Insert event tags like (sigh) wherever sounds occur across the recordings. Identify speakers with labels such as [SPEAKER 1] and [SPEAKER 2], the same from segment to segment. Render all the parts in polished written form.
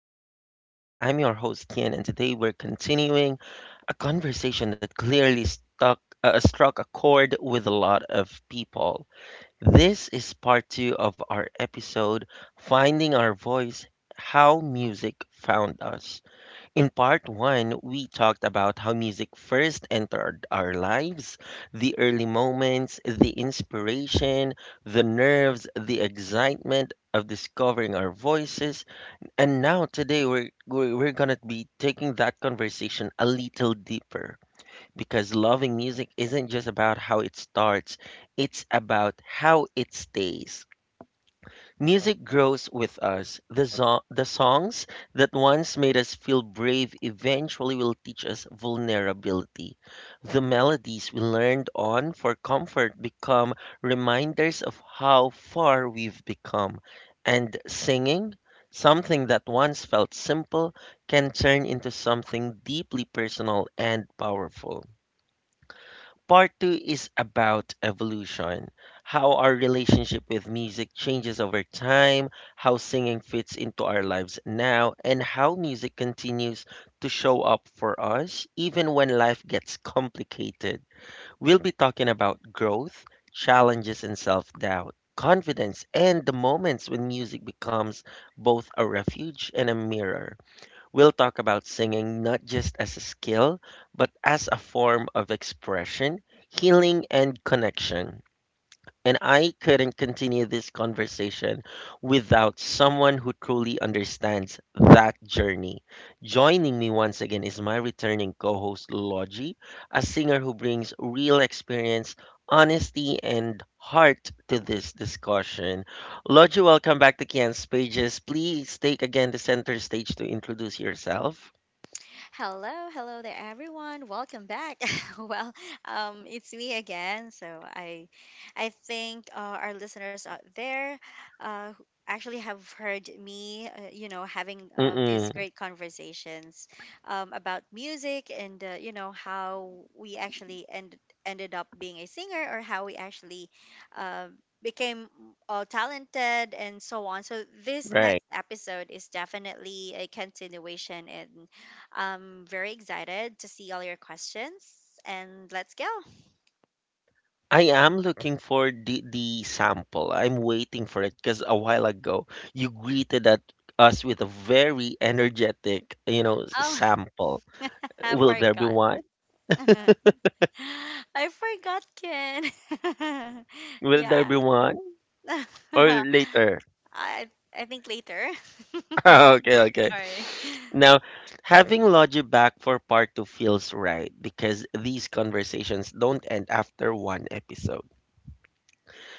[SPEAKER 1] Kian's Pages. I'm your host, Kian, and today we're continuing a conversation that clearly struck a chord with a lot of people. This is part two of our episode Finding Our Voice, How Music Found Us. In part one, we talked about how music first entered our lives, the early moments, the inspiration, the nerves, the excitement of discovering our voices. And now, today, we're going to be taking that conversation a little deeper, because loving music isn't just about how it starts, it's about how it stays. Music grows with us. The songs that once made us feel brave eventually will teach us vulnerability. The melodies we learned on for comfort become reminders of how far we've become. And singing, something that once felt simple, can turn into something deeply personal and powerful. Part two is about evolution, how our relationship with music changes over time, how singing fits into our lives now, and how music continues to show up for us even when life gets complicated. We'll be talking about growth, challenges, and self doubt, confidence, and the moments when music becomes both a refuge and a mirror. We'll talk about singing not just as a skill, but as a form of expression, healing, and connection. And I couldn't continue this conversation without someone who truly understands that journey. Joining me once again is my returning co host, Logie, a singer who brings real experience, honesty, and heart to this discussion. Logie, welcome back to Kian's Pages. Please take again the center stage to introduce yourself.
[SPEAKER 2] Hello, hello there, everyone. Welcome back. (laughs) well, it's me again. So I think our listeners out there, who actually have heard me, having these
[SPEAKER 1] Mm-mm.
[SPEAKER 2] great conversations, about music and how we actually ended up being a singer, or how we actually, uh, became talented, and so on. So this next episode is definitely a continuation, and I'm very excited to see all your questions and let's go.
[SPEAKER 1] I am looking for the sample. I'm waiting for it because a while ago you greeted at us with a very energetic, you know,
[SPEAKER 2] Oh,
[SPEAKER 1] sample.
[SPEAKER 2] (laughs) I
[SPEAKER 1] Will there be
[SPEAKER 2] forgot.
[SPEAKER 1] one?
[SPEAKER 2] (laughs) I forgot, Ken. (laughs)
[SPEAKER 1] Will there
[SPEAKER 2] Yeah.
[SPEAKER 1] be one?
[SPEAKER 2] (laughs)
[SPEAKER 1] Or later?
[SPEAKER 2] I I think later.
[SPEAKER 1] (laughs)
[SPEAKER 2] (laughs)
[SPEAKER 1] Okay, okay.
[SPEAKER 2] Sorry.
[SPEAKER 1] Now, having Logie back for part two feels right, because these conversations don't end after one episode.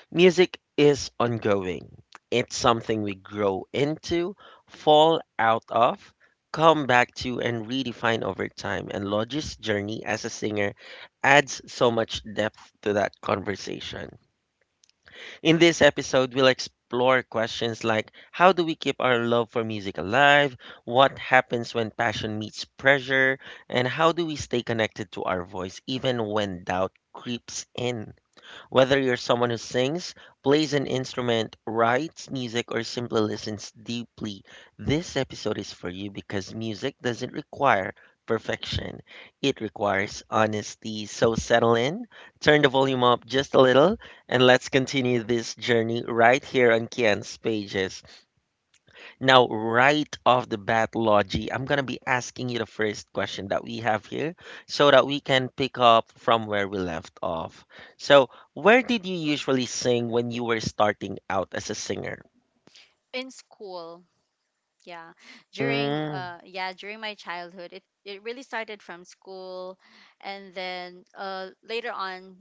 [SPEAKER 1] Music is ongoing. It's something we grow into, fall out of, come back to, and redefine over time. And Lodge's journey as a singer adds so much depth to that conversation. In this episode, we'll explore questions like, how do we keep our love for music alive? What happens when passion meets pressure? And how do we stay connected to our voice even when doubt creeps in? Whether you're someone who sings, plays an instrument, writes music, or simply listens deeply, this episode is for you, because music doesn't require perfection. It requires honesty. So settle in, turn the volume up just a little, and let's continue this journey right here on Kian's Pages. Now, right off the bat, Logie, I'm going to be asking you the first question that we have here, so that we can pick up from where we left off. So, where did you usually sing when you were starting out as a singer?
[SPEAKER 2] In school, yeah, during
[SPEAKER 1] Mm,
[SPEAKER 2] during my childhood it really started from school, and then later on,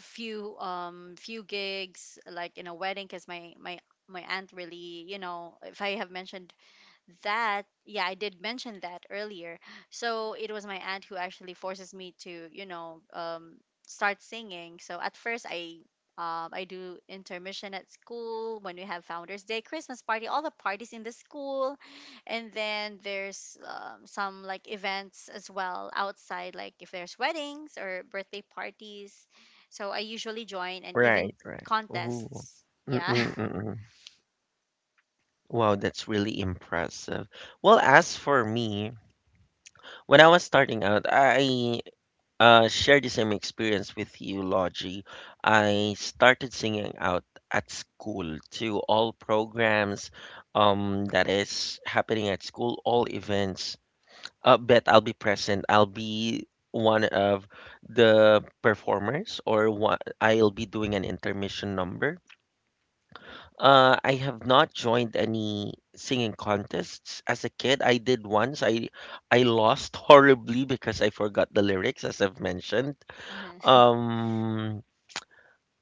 [SPEAKER 2] few gigs like in a wedding, because my aunt really, you know, if I have mentioned that, yeah, I did mention that earlier. So it was my aunt who actually forces me to, you know, start singing. So at first I, I do intermission at school when we have founders day, christmas party, all the parties in the school, and then there's, some like events as well outside, like if there's weddings or birthday parties, so I usually join, and even
[SPEAKER 1] right, right. Ooh.
[SPEAKER 2] contests, yeah.
[SPEAKER 1] Mm-mm-mm. Wow, that's really impressive. Well, as for me, when I was starting out, I share the same experience with you, Logie. I started singing out at school to all programs that is happening at school, all events. I bet I'll be present. I'll be one of the performers, or one, I'll be doing an intermission number. I have not joined any singing contests as a kid. I did once. I lost (laughs) horribly because I forgot the lyrics, as I've mentioned.
[SPEAKER 2] (laughs)
[SPEAKER 1] um,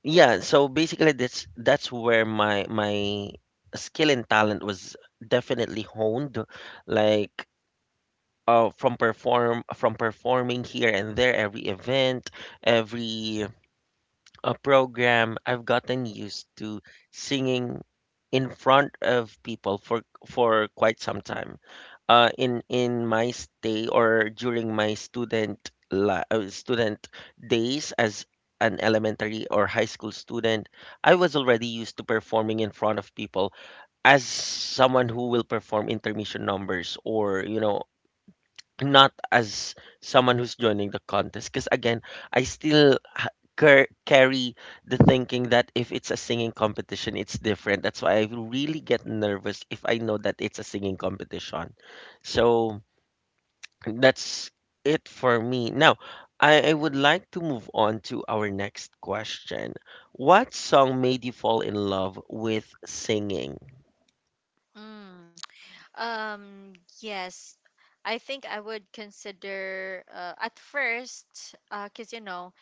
[SPEAKER 1] yeah, so basically that's where my skill and talent was definitely honed. Like from performing here and there every event, every program, I've gotten used to singing in front of people for quite some time, in my stay or during my student days. As an elementary or high school student, I was already used to performing in front of people as someone who will perform intermission numbers, or you know, not as someone who's joining the contest, because again, I still carry the thinking that if it's a singing competition it's different. That's why I really get nervous if I know that it's a singing competition. So that's it for me. Now, I would like to move on to our next question. What song made you fall in love with singing?
[SPEAKER 2] Mhm. Um, yes. I think I would consider, at first, because, you know,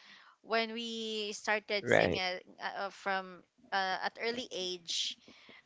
[SPEAKER 2] when we started singing,
[SPEAKER 1] Right.
[SPEAKER 2] from at early age,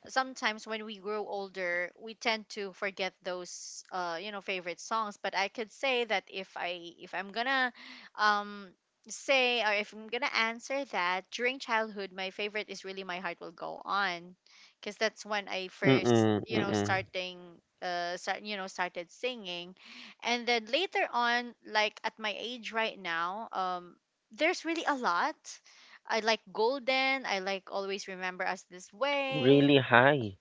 [SPEAKER 2] sometimes when we grow older, we tend to forget those, you know, favorite songs. But I could say that, if I'm gonna, um, say, or if I'm gonna answer that, during childhood, my favorite is really "My Heart Will Go On," because that's when I first,
[SPEAKER 1] Mm-mm,
[SPEAKER 2] you know,
[SPEAKER 1] mm-mm.
[SPEAKER 2] started singing, and then later on, like at my age right now, there's really a lot. I like Golden. I like Always Remember Us This Way.
[SPEAKER 1] Really high.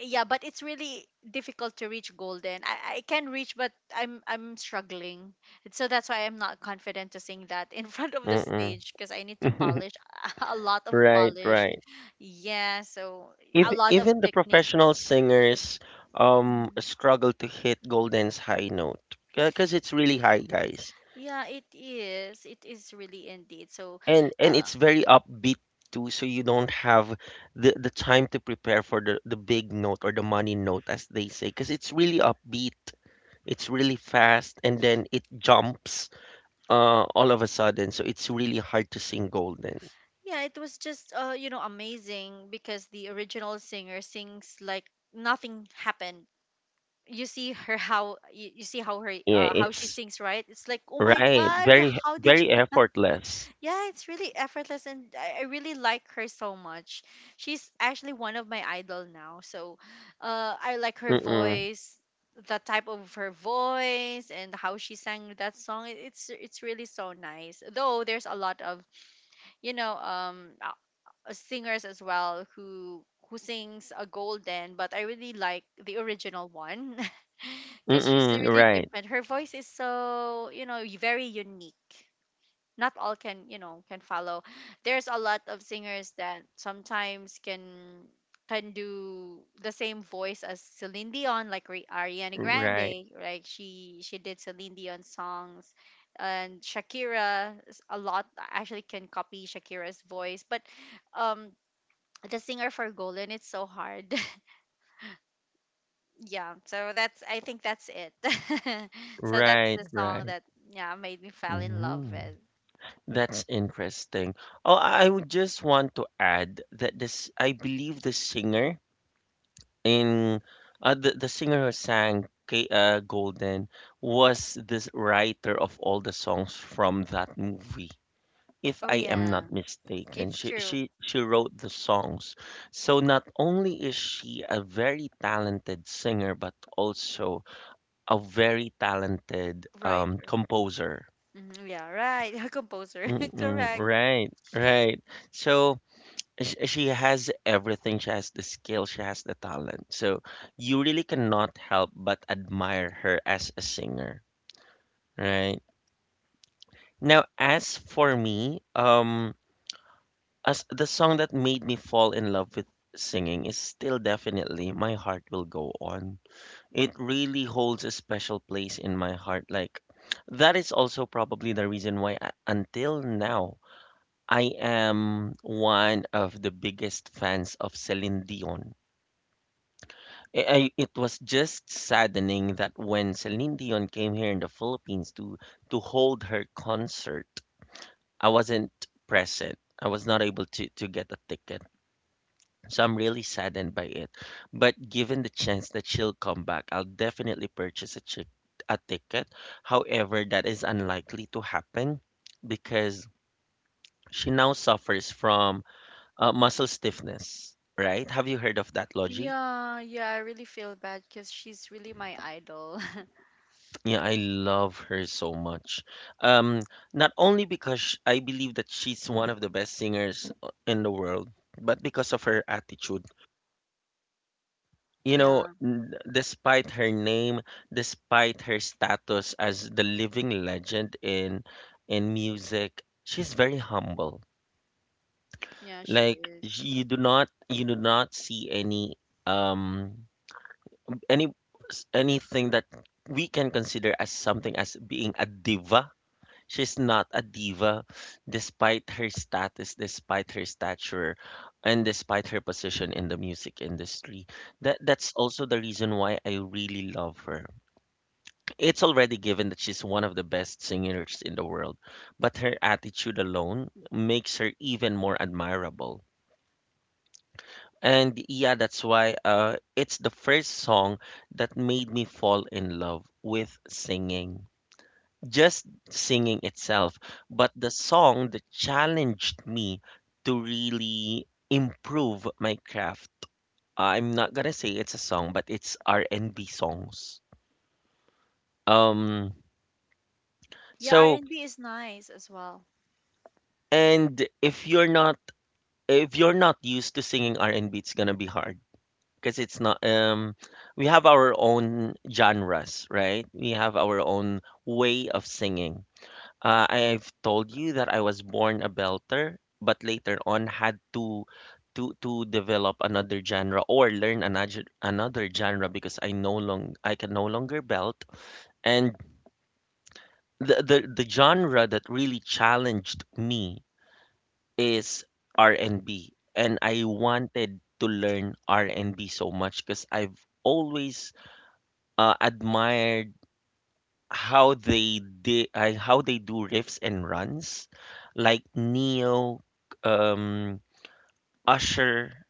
[SPEAKER 2] Yeah, but it's really difficult to reach Golden. I can reach, but I'm struggling. So that's why I'm not confident to sing that in (laughs) front of the
[SPEAKER 1] Mm-mm.
[SPEAKER 2] stage because I need to
[SPEAKER 1] (laughs)
[SPEAKER 2] polish (laughs) a lot of
[SPEAKER 1] Right,
[SPEAKER 2] polish.
[SPEAKER 1] right.
[SPEAKER 2] Yeah, so a
[SPEAKER 1] Even
[SPEAKER 2] lot of
[SPEAKER 1] the
[SPEAKER 2] technique.
[SPEAKER 1] professional singers
[SPEAKER 2] Mhm.
[SPEAKER 1] struggle to hit Golden's high note because it's really high, guys.
[SPEAKER 2] Yeah, it is. It is really indeed. So,
[SPEAKER 1] And
[SPEAKER 2] uh,
[SPEAKER 1] it's very upbeat too, so you don't have the time to prepare for the big note or the money note, as they say, because it's really upbeat, it's really fast, and then it jumps all of a sudden. So it's really hard to sing Golden.
[SPEAKER 2] yeah, it was just, amazing, because the original singer sings like nothing happened. You see her how you see how her,
[SPEAKER 1] Yeah,
[SPEAKER 2] how she
[SPEAKER 1] it's
[SPEAKER 2] sings, right? It's like, oh my
[SPEAKER 1] right,
[SPEAKER 2] god,
[SPEAKER 1] very,
[SPEAKER 2] how did you?
[SPEAKER 1] very effortless.
[SPEAKER 2] (laughs) Yeah, it's really effortless, and I really like her so much. She's actually one of my idol now. So I like her
[SPEAKER 1] Mm-mm,
[SPEAKER 2] voice, the type of her voice and how she sang that song. It's really so nice, though there's a lot of, you know, singers as well who sings a Golden, but I really like the original one. (laughs) Because she's
[SPEAKER 1] mm-mm,
[SPEAKER 2] really
[SPEAKER 1] right,
[SPEAKER 2] different. Her voice is so, you know, very unique. Not all can, you know, can follow. There's a lot of singers that sometimes can do the same voice as Celine Dion, like Ariana
[SPEAKER 1] right,
[SPEAKER 2] Grande, right? She did Celine Dion songs, and Shakira a lot actually can copy Shakira's voice, but um the singer for Golden, it's so hard. (laughs) Yeah, so that's, I think that's it. (laughs) So that's
[SPEAKER 1] right,
[SPEAKER 2] the song
[SPEAKER 1] right.
[SPEAKER 2] that, yeah, made me fall in love
[SPEAKER 1] Mm-hmm.
[SPEAKER 2] with.
[SPEAKER 1] That's interesting. Oh, I would just want to add that this, I believe the singer in the singer who sang Golden was this writer of all the songs from that movie. If
[SPEAKER 2] Oh
[SPEAKER 1] I am
[SPEAKER 2] yeah,
[SPEAKER 1] not mistaken,
[SPEAKER 2] it's
[SPEAKER 1] she,
[SPEAKER 2] true.
[SPEAKER 1] she wrote the songs. So not only is she a very talented singer, but also a very talented
[SPEAKER 2] Writer.
[SPEAKER 1] composer.
[SPEAKER 2] Mhm, yeah, right. (laughs) Composer. (laughs)
[SPEAKER 1] Mm-mm,
[SPEAKER 2] Correct.
[SPEAKER 1] right, right. So, she has everything. She has the skill, she has the talent. So you really cannot help but admire her as a singer, right? Now, as for me, as the song that made me fall in love with singing is still definitely My Heart Will Go On. It really holds a special place in my heart. Like, that is also probably the reason why I, until now, I am one of the biggest fans of Celine Dion. It was just saddening that when Celine Dion came here in the Philippines to hold her concert, I wasn't present. I was not able to get a ticket. So I'm really saddened by it. But given the chance that she'll come back, I'll definitely purchase a ticket. However, that is unlikely to happen because she now suffers from muscle stiffness, right? Have you heard of that, Logie?
[SPEAKER 2] Yeah, yeah, I really feel bad because she's really my idol. (laughs)
[SPEAKER 1] Yeah, I love her so much. Um, not only because I believe that she's one of the best singers in the world, but because of her attitude. You know,
[SPEAKER 2] Yeah,
[SPEAKER 1] despite her name, despite her status as the living legend in music, she's very humble.
[SPEAKER 2] yeah, she
[SPEAKER 1] Like,
[SPEAKER 2] is.
[SPEAKER 1] you do not see any um any anything that we can consider as something as being a diva. She's not a diva despite her status, despite her stature, and despite her position in the music industry. That's also the reason why I really love her. It's already given that she's one of the best singers in the world, but her attitude alone makes her even more admirable. And yeah, that's why it's the first song that made me fall in love with singing. Just singing itself, but the song that challenged me to really improve my craft. I'm not gonna say it's a song, but it's R&B songs. Um,
[SPEAKER 2] Yeah,
[SPEAKER 1] so
[SPEAKER 2] R&B is nice as well.
[SPEAKER 1] and if you're not, if you're not used to singing R&B, it's gonna be hard, because it's not we have our own genres, right? We have our own way of singing. I've told you that I was born a belter, but later on had to to develop another genre, or learn another genre, because I no long I can no longer belt. And the genre that really challenged me is R&B, and B, and I wanted to learn R&B so much, because I've always admired how they did how they do riffs and runs, like Neo, um Usher,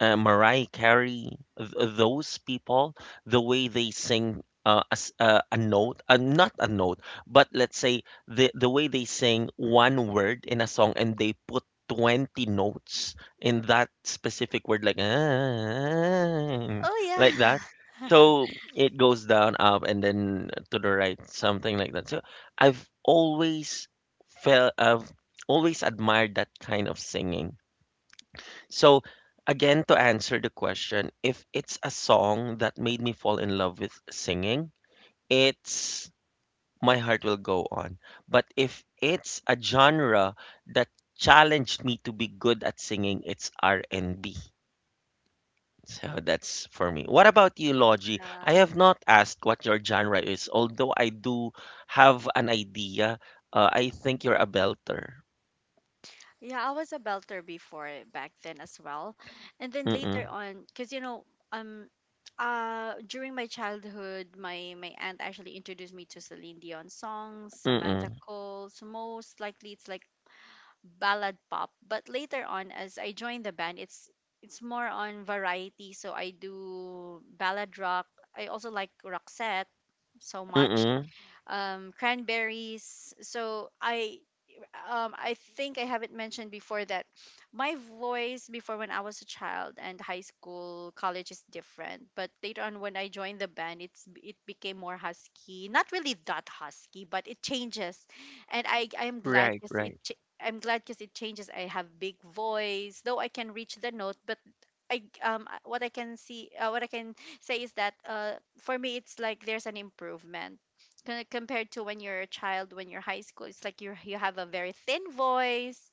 [SPEAKER 1] Mariah Carey, those people, the way they sing a, s- a note, not a note, but let's say the way they sing one word in a song and they put 20 notes in that specific word, like, ah,
[SPEAKER 2] Oh
[SPEAKER 1] like that.
[SPEAKER 2] yeah.
[SPEAKER 1] So
[SPEAKER 2] (laughs)
[SPEAKER 1] it goes down, up, and then to the right, something like that. So I've always felt, I've always admired that kind of singing. So, again, to answer the question, if it's a song that made me fall in love with singing, it's My Heart Will Go On. But if it's a genre that challenged me to be good at singing, it's R&B. So that's for me. What about you, Logie? I
[SPEAKER 2] Yeah.
[SPEAKER 1] have not asked what your genre is, although I do have an idea. I think you're a belter.
[SPEAKER 2] Yeah, I was a belter before back then as well. And then
[SPEAKER 1] Mm-mm,
[SPEAKER 2] later on, because, you know, um during my childhood, my aunt actually introduced me to Celine Dion songs, Samantha
[SPEAKER 1] mm-mm,
[SPEAKER 2] Cole. So most likely it's like ballad pop. But later on, as I joined the band, it's more on variety. So I do ballad rock. I also like Roxette so much,
[SPEAKER 1] mm-mm.
[SPEAKER 2] cranberries. So I, I think I haven't mentioned before that my voice before when I was a child and high school, college is different. But later on when I joined the band, it became more husky. Not really that husky, but it changes, and I I'm glad
[SPEAKER 1] Right,
[SPEAKER 2] because it.
[SPEAKER 1] right,
[SPEAKER 2] Ch- I'm glad because it changes. I have big voice, though I can reach the note. But I, what I can see, what I can say is that, for me it's like there's an improvement compared to when you're a child, when you're high school, it's like you have a very thin voice.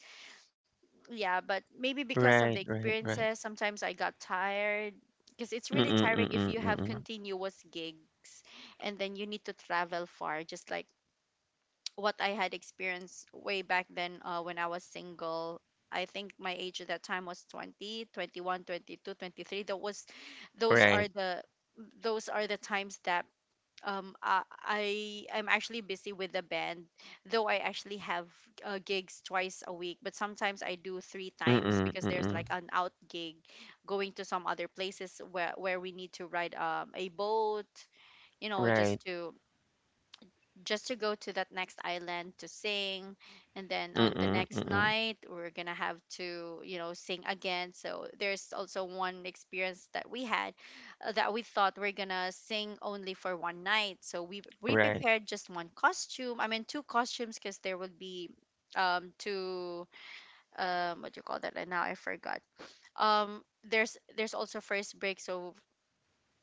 [SPEAKER 2] Yeah, but maybe because of the
[SPEAKER 1] right, right, right.
[SPEAKER 2] experiences, sometimes I got tired, because it's
[SPEAKER 1] Mm,
[SPEAKER 2] really tiring if
[SPEAKER 1] mm,
[SPEAKER 2] you have
[SPEAKER 1] mm,
[SPEAKER 2] continuous gigs, and then you need to travel far. Just like what I had experienced way back then, when I was single. I think my age at that time was 20, 21, 22, 23. That was, those
[SPEAKER 1] right.
[SPEAKER 2] are the those are the times that, I'm actually busy with the band, though I actually have, gigs twice a week, but sometimes I do three times,
[SPEAKER 1] Mm,
[SPEAKER 2] because there's
[SPEAKER 1] mm,
[SPEAKER 2] like an out gig, going to some other places where we need to ride, a boat, you know,
[SPEAKER 1] right.
[SPEAKER 2] just to go to that next island to sing, and then on the
[SPEAKER 1] Mm,
[SPEAKER 2] next
[SPEAKER 1] mm,
[SPEAKER 2] night we're gonna have to, you know, sing again. So there's also one experience that we had, that we thought we're gonna sing only for one night, so we
[SPEAKER 1] right.
[SPEAKER 2] prepared just one costume, I mean two costumes, because there would be, two, what do you call that and now I forgot there's, also first break. So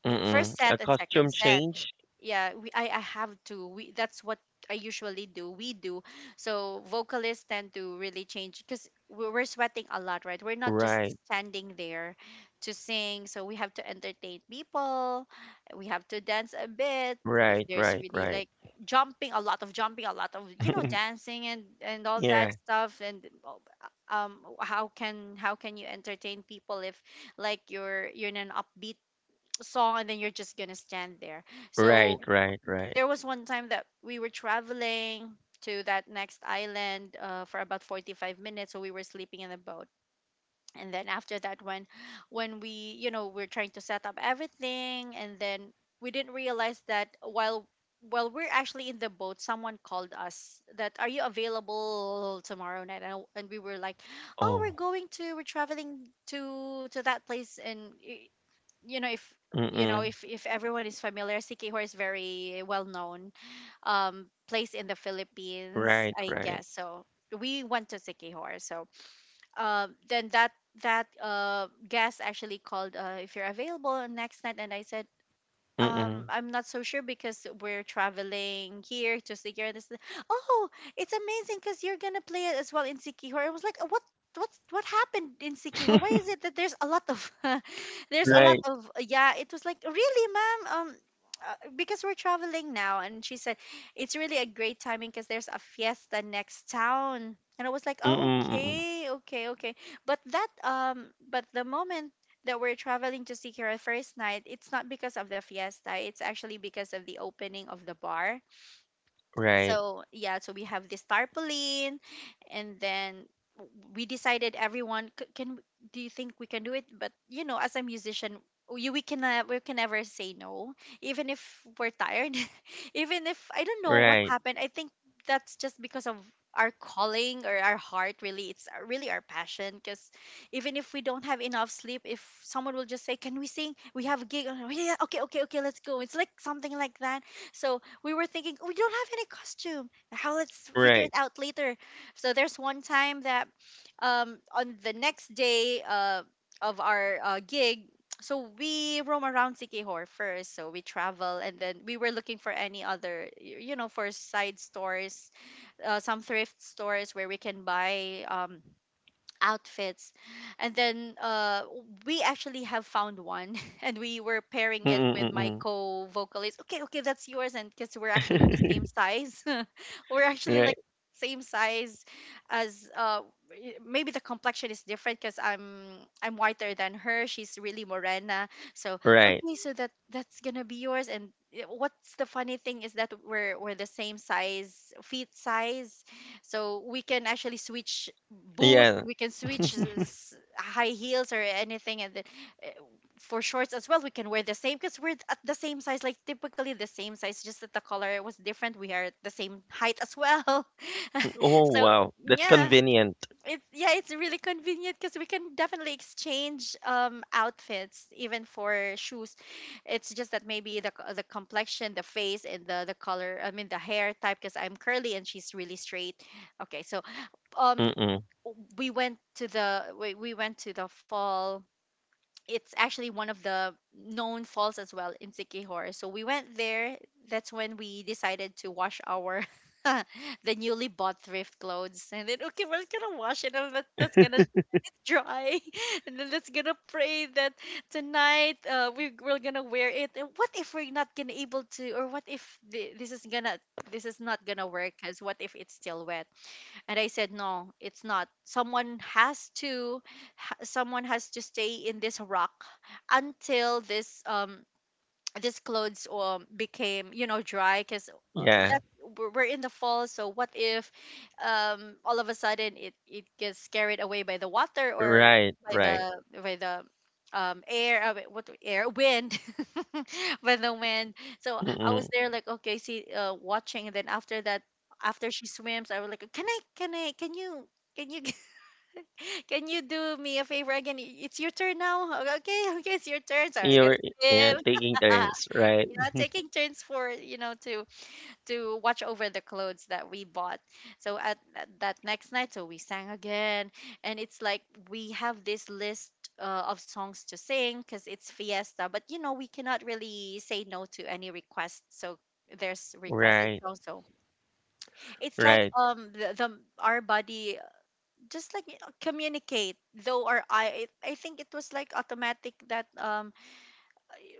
[SPEAKER 1] Mm.
[SPEAKER 2] first
[SPEAKER 1] A
[SPEAKER 2] set and second
[SPEAKER 1] costume
[SPEAKER 2] set.
[SPEAKER 1] change?
[SPEAKER 2] Yeah we, I have to we that's what I usually do we do. So vocalists tend to really change, because we're sweating a lot, right? We're not just
[SPEAKER 1] Right.
[SPEAKER 2] standing there to sing. So we have to entertain people, we have to dance a bit, if
[SPEAKER 1] Right,
[SPEAKER 2] there's
[SPEAKER 1] right,
[SPEAKER 2] really
[SPEAKER 1] right.
[SPEAKER 2] like jumping, a lot of, you know,
[SPEAKER 1] (laughs)
[SPEAKER 2] dancing and all that
[SPEAKER 1] Yeah.
[SPEAKER 2] stuff. And, how can you entertain people if, like, you're in an upbeat song, and then you're just gonna stand there.
[SPEAKER 1] Right,
[SPEAKER 2] So
[SPEAKER 1] right, right.
[SPEAKER 2] there was one time that we were traveling to that next island, for about 45 minutes, so we were sleeping in the boat. And then after that, when we, you know, we're trying to set up everything, and then we didn't realize that while we're actually in the boat, someone called us that, are you available tomorrow night? And, we were like, oh, we're
[SPEAKER 1] Oh.
[SPEAKER 2] going to, we're traveling to that place, and, you know,
[SPEAKER 1] Mm,
[SPEAKER 2] if everyone is familiar, Sikihor is very well known, place in the Philippines,
[SPEAKER 1] right,
[SPEAKER 2] I
[SPEAKER 1] right.
[SPEAKER 2] guess. So we went to Sikihor. So, then that that guest actually called, uh, if you're available on next night, and I said,
[SPEAKER 1] Mm.
[SPEAKER 2] I'm not so sure, because we're traveling here to Sikihor. This, oh, it's amazing, because you're gonna play it as well in Sikihor. I was like, what happened in Sikihor? Why is
[SPEAKER 1] (laughs)
[SPEAKER 2] it that there's a lot of (laughs) there's a lot
[SPEAKER 1] Right.
[SPEAKER 2] of yeah? It was like, really, ma'am. Because we're traveling now, and she said it's really a great timing because there's a fiesta next town. And I was like, oh,
[SPEAKER 1] Mm, mm.
[SPEAKER 2] okay, okay, okay. But that, but the moment that we're traveling to Sikira first night, it's not because of the fiesta. It's actually because of the opening of the bar,
[SPEAKER 1] Right.
[SPEAKER 2] so yeah, so we have this tarpaulin and then we decided, everyone, do you think we can do it?" But you know, as a musician, we can never say no, even if we're tired. (laughs) Even if I don't know what
[SPEAKER 1] Right.
[SPEAKER 2] happened, I think that's just because of our calling or our heart. Really, it's really our passion because even if we don't have enough sleep, if someone will just say, "Can we sing? We have a gig." Oh, yeah, okay, okay, okay, let's go. It's like something like that. So we were thinking, "Oh, we don't have any costume. How? Let's figure
[SPEAKER 1] Right.
[SPEAKER 2] it out later." So there's one time that on the next day, of our gig, so we roam around Sikihor first, so we travel, and then we were looking for any other you know, for side stores, some thrift stores where we can buy outfits. And then we actually have found one, (laughs) and we were pairing it with my
[SPEAKER 1] Mm,
[SPEAKER 2] co-vocalist. Okay, okay, that's yours, and because we're actually the
[SPEAKER 1] mm. (laughs)
[SPEAKER 2] same size. (laughs) We're actually
[SPEAKER 1] Right.
[SPEAKER 2] like same size as maybe the complexion is different because I'm whiter than her. She's really morena, so
[SPEAKER 1] Right.
[SPEAKER 2] okay, so that 's gonna be yours. And what's the funny thing is that we're the same size, feet size, so we can actually switch boots.
[SPEAKER 1] Yeah.
[SPEAKER 2] We can switch high heels or anything. And then uh, for shorts as well, we can wear the same because we're at the same size, like typically the same size, just that the color was different. We are at the same height as well.
[SPEAKER 1] Oh,
[SPEAKER 2] (laughs) So
[SPEAKER 1] wow. That's
[SPEAKER 2] yeah,
[SPEAKER 1] convenient.
[SPEAKER 2] it's it's really convenient because we can definitely exchange outfits, even for shoes. It's just that maybe the the complexion, the face, and the color. I mean, the hair type, because I'm curly and she's really straight. Okay, so um
[SPEAKER 1] Mm.
[SPEAKER 2] we went to the we went to the fall. It's actually one of the known falls as well in Sikihor. So we went there. That's when we decided to wash our (laughs) the newly bought thrift clothes. And then okay, we're gonna wash it, and that's gonna dry, (laughs) and then let's gonna pray that tonight, we're gonna wear it. And what if we're not gonna able to, or what if this is gonna, this is not gonna work because what if it's still wet? And I said, no, it's not. Someone has to someone has to stay in this rock until this this clothes became, you know, dry. Because uh,
[SPEAKER 1] Yeah.
[SPEAKER 2] that we're in the fall, so what if all of a sudden it gets carried away by the water, or
[SPEAKER 1] Right, right.
[SPEAKER 2] by the air, wait, what air, wind, (laughs) by the wind. So I was
[SPEAKER 1] Mm.
[SPEAKER 2] there like, okay, see, watching. And then after that, after she swims, I was like, can I can you, can you (laughs) can you do me a favor again? It's your turn now. Okay, okay, it's your turn, so I'm gonna
[SPEAKER 1] You're yeah,
[SPEAKER 2] swim.
[SPEAKER 1] taking
[SPEAKER 2] (laughs)
[SPEAKER 1] turns, right?
[SPEAKER 2] Yeah, taking turns for, you know, to watch over the clothes that we bought. So at that next night, so we sang again, and it's like we have this list of songs to sing because it's fiesta. But you know, we cannot really say no to any requests. So there's requested
[SPEAKER 1] Right,
[SPEAKER 2] songs. So it's like
[SPEAKER 1] right.
[SPEAKER 2] the our body just like communicate though our eye. It, I think it was like automatic that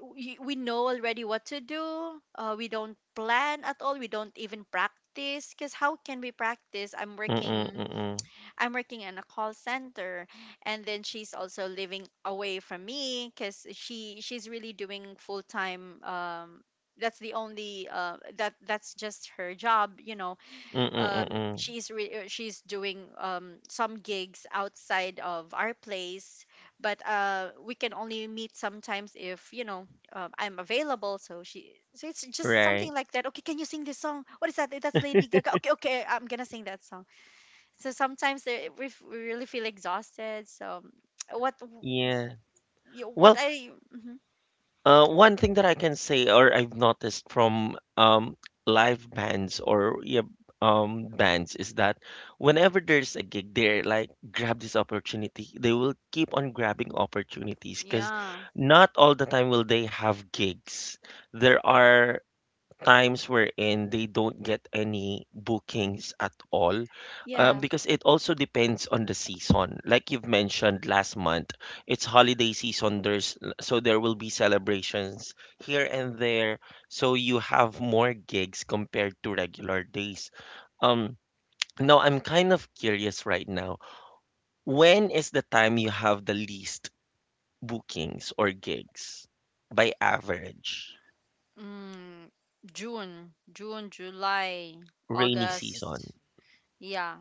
[SPEAKER 2] we know already what to do. We don't plan at all. We don't even practice. Cause how can we practice? I'm
[SPEAKER 1] Mm-mm,
[SPEAKER 2] working.
[SPEAKER 1] mm-mm,
[SPEAKER 2] I'm working in a call center, and then she's also living away from me. Cause she's really doing full time. That's the only. That 's just her job. You know,
[SPEAKER 1] mm-mm, mm-mm.
[SPEAKER 2] she's doing some gigs outside of our place, but we can only meet sometimes if you know, I'm available. So she, so it's just
[SPEAKER 1] Right.
[SPEAKER 2] something like that. Okay, can you sing this song? What is that? That's Lady Gaga. Okay, okay, I'm gonna sing that song. So sometimes we really feel exhausted. So (tsk) what
[SPEAKER 1] Yeah.
[SPEAKER 2] what
[SPEAKER 1] Well,
[SPEAKER 2] I mhm.
[SPEAKER 1] one thing that I can say, or I've noticed from live bands or yeah, bands is that whenever there's a gig, they're like grab this opportunity. They will keep on grabbing opportunities because
[SPEAKER 2] Yeah,
[SPEAKER 1] not all the time will they have gigs. There are times wherein they don't get any bookings at all,
[SPEAKER 2] yeah.
[SPEAKER 1] because it also depends on the season, like you've mentioned last month it's holiday season, there's so there will be celebrations here and there, so you have more gigs compared to regular days. Um now I'm kind of curious right now, when is the time you have the least bookings or gigs by average?
[SPEAKER 2] Mm, June, July,
[SPEAKER 1] Rainy season.
[SPEAKER 2] August. Yeah,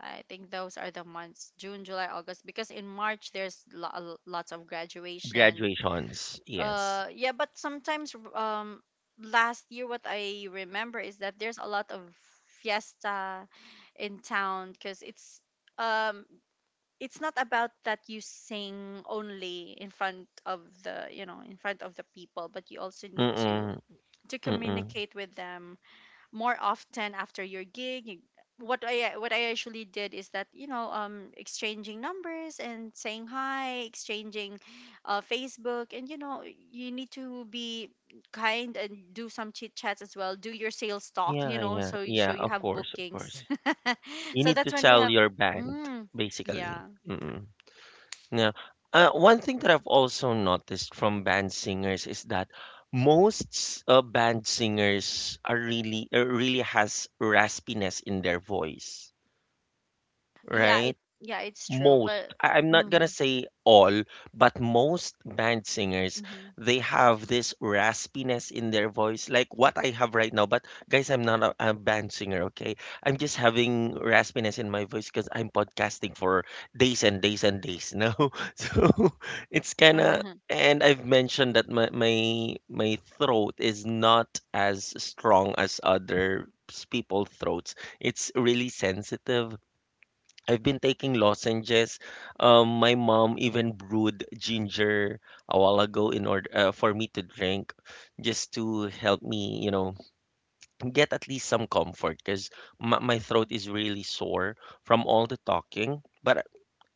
[SPEAKER 2] I think those are the months, June, July, August, because in March there's lots of graduation.
[SPEAKER 1] Graduations, yes.
[SPEAKER 2] Yeah, but sometimes last year, what I remember is that there's a lot of fiesta in town because um it's not about that you sing only in front of the you know, in front of the people, but you also need
[SPEAKER 1] Mm-mm,
[SPEAKER 2] to
[SPEAKER 1] mm-mm.
[SPEAKER 2] communicate with them more often. After your gig, what I, what I actually did is that, you know, exchanging numbers and saying hi, exchanging Facebook, and you know, you need to be kind and do some chit chats as well, do your sales talk, you
[SPEAKER 1] Yeah,
[SPEAKER 2] know,
[SPEAKER 1] yeah,
[SPEAKER 2] so you,
[SPEAKER 1] yeah,
[SPEAKER 2] so you
[SPEAKER 1] of
[SPEAKER 2] have
[SPEAKER 1] course, of
[SPEAKER 2] bookings.
[SPEAKER 1] course.
[SPEAKER 2] (laughs)
[SPEAKER 1] You
[SPEAKER 2] So
[SPEAKER 1] need
[SPEAKER 2] that's
[SPEAKER 1] to
[SPEAKER 2] when we
[SPEAKER 1] sell
[SPEAKER 2] have
[SPEAKER 1] your band,
[SPEAKER 2] mm,
[SPEAKER 1] basically.
[SPEAKER 2] yeah.
[SPEAKER 1] Mm-mm. Now, one thing that I've also noticed from band singers is that most band singers are really has raspiness in their voice,
[SPEAKER 2] Yeah, it,
[SPEAKER 1] right?
[SPEAKER 2] yeah, it's true,
[SPEAKER 1] Most,
[SPEAKER 2] but
[SPEAKER 1] I'm not gonna
[SPEAKER 2] hmm.
[SPEAKER 1] say all, but most band singers
[SPEAKER 2] Hmm.
[SPEAKER 1] they have this raspiness in their voice, like what I have right now. But guys, I'm not a band singer, okay. I'm just having raspiness in my voice because I'm podcasting for days and days and days now (laughs) so (laughs) it's kind of.
[SPEAKER 2] (laughs)
[SPEAKER 1] And I've mentioned that my throat is not as strong as other people's throats. It's really sensitive. I've been taking lozenges. My mom even brewed ginger a while ago in order for me to drink, just to help me, get at least some comfort because my throat is really sore from all the talking. But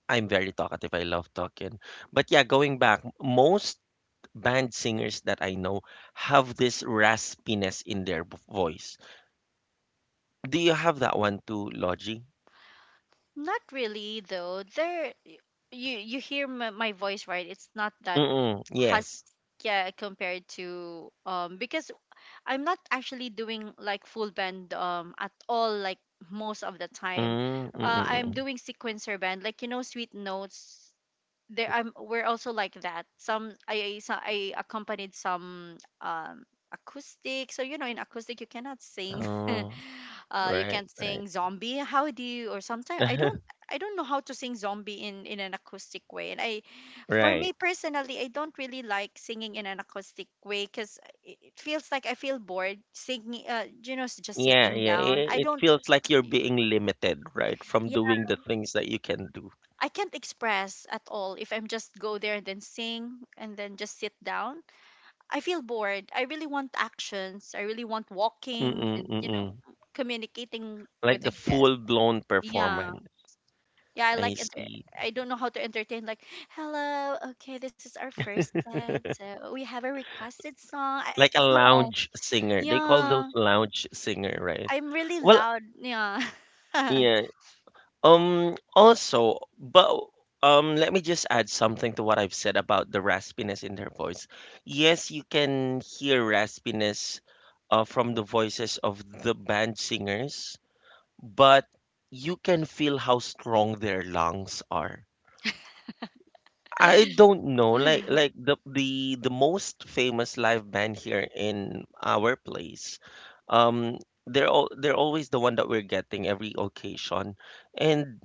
[SPEAKER 1] I'm very talkative. I love talking. But yeah, going back, most band singers that I know have this raspiness in their voice. Do you have that one too, Logie?
[SPEAKER 2] Not really, though. There, you hear my voice, right? It's not that
[SPEAKER 1] Mm-mm,
[SPEAKER 2] has,
[SPEAKER 1] yes.
[SPEAKER 2] yeah, compared to because I'm not actually doing like full band at all. Like most of the time, I'm
[SPEAKER 1] Mm-mm.
[SPEAKER 2] doing sequencer band, like you know, sweet notes there. I'm, we're also like that. Some I accompanied some acoustic. So you know, in acoustic you cannot sing. (laughs)
[SPEAKER 1] Oh,
[SPEAKER 2] You
[SPEAKER 1] right,
[SPEAKER 2] can't
[SPEAKER 1] right.
[SPEAKER 2] sing Zombie. How do you? Or sometimes I don't,
[SPEAKER 1] (laughs)
[SPEAKER 2] I don't know how to sing Zombie in an acoustic way. And I, for me
[SPEAKER 1] Right.
[SPEAKER 2] personally, I don't really like singing in an acoustic way, cuz it feels like I feel bored singing, you know, just
[SPEAKER 1] Yeah,
[SPEAKER 2] sitting
[SPEAKER 1] yeah.
[SPEAKER 2] down.
[SPEAKER 1] It,
[SPEAKER 2] I
[SPEAKER 1] it
[SPEAKER 2] don't
[SPEAKER 1] feels like you're
[SPEAKER 2] (tsk)
[SPEAKER 1] being limited, right, from
[SPEAKER 2] yeah.
[SPEAKER 1] doing the things that you can do.
[SPEAKER 2] I can't express at all if I'm just go there and then sing and then just sit down. I feel bored. I really want actions. I really want walking
[SPEAKER 1] Mm-mm,
[SPEAKER 2] and you know,
[SPEAKER 1] mm-mm.
[SPEAKER 2] communicating with
[SPEAKER 1] Like the
[SPEAKER 2] the guest.
[SPEAKER 1] full-blown
[SPEAKER 2] Yeah,
[SPEAKER 1] performance.
[SPEAKER 2] yeah. I
[SPEAKER 1] I
[SPEAKER 2] like enter-,
[SPEAKER 1] see.
[SPEAKER 2] I don't know how to entertain. Like, hello, okay, this is our first set, so we have a requested song.
[SPEAKER 1] Like a
[SPEAKER 2] No,
[SPEAKER 1] lounge singer. They call those
[SPEAKER 2] yeah.
[SPEAKER 1] lounge singer, right?
[SPEAKER 2] I'm really
[SPEAKER 1] Well,
[SPEAKER 2] loud. Yeah,
[SPEAKER 1] yeah. Also, but let me just add something to what I've said about the raspiness in their voice. Yes, you can hear raspiness from the voices of the band singers, but you can feel how strong their lungs are. I don't know, like
[SPEAKER 2] (laughs)
[SPEAKER 1] like the most famous live band here in our place. Um, they're always the one that we're getting every occasion, and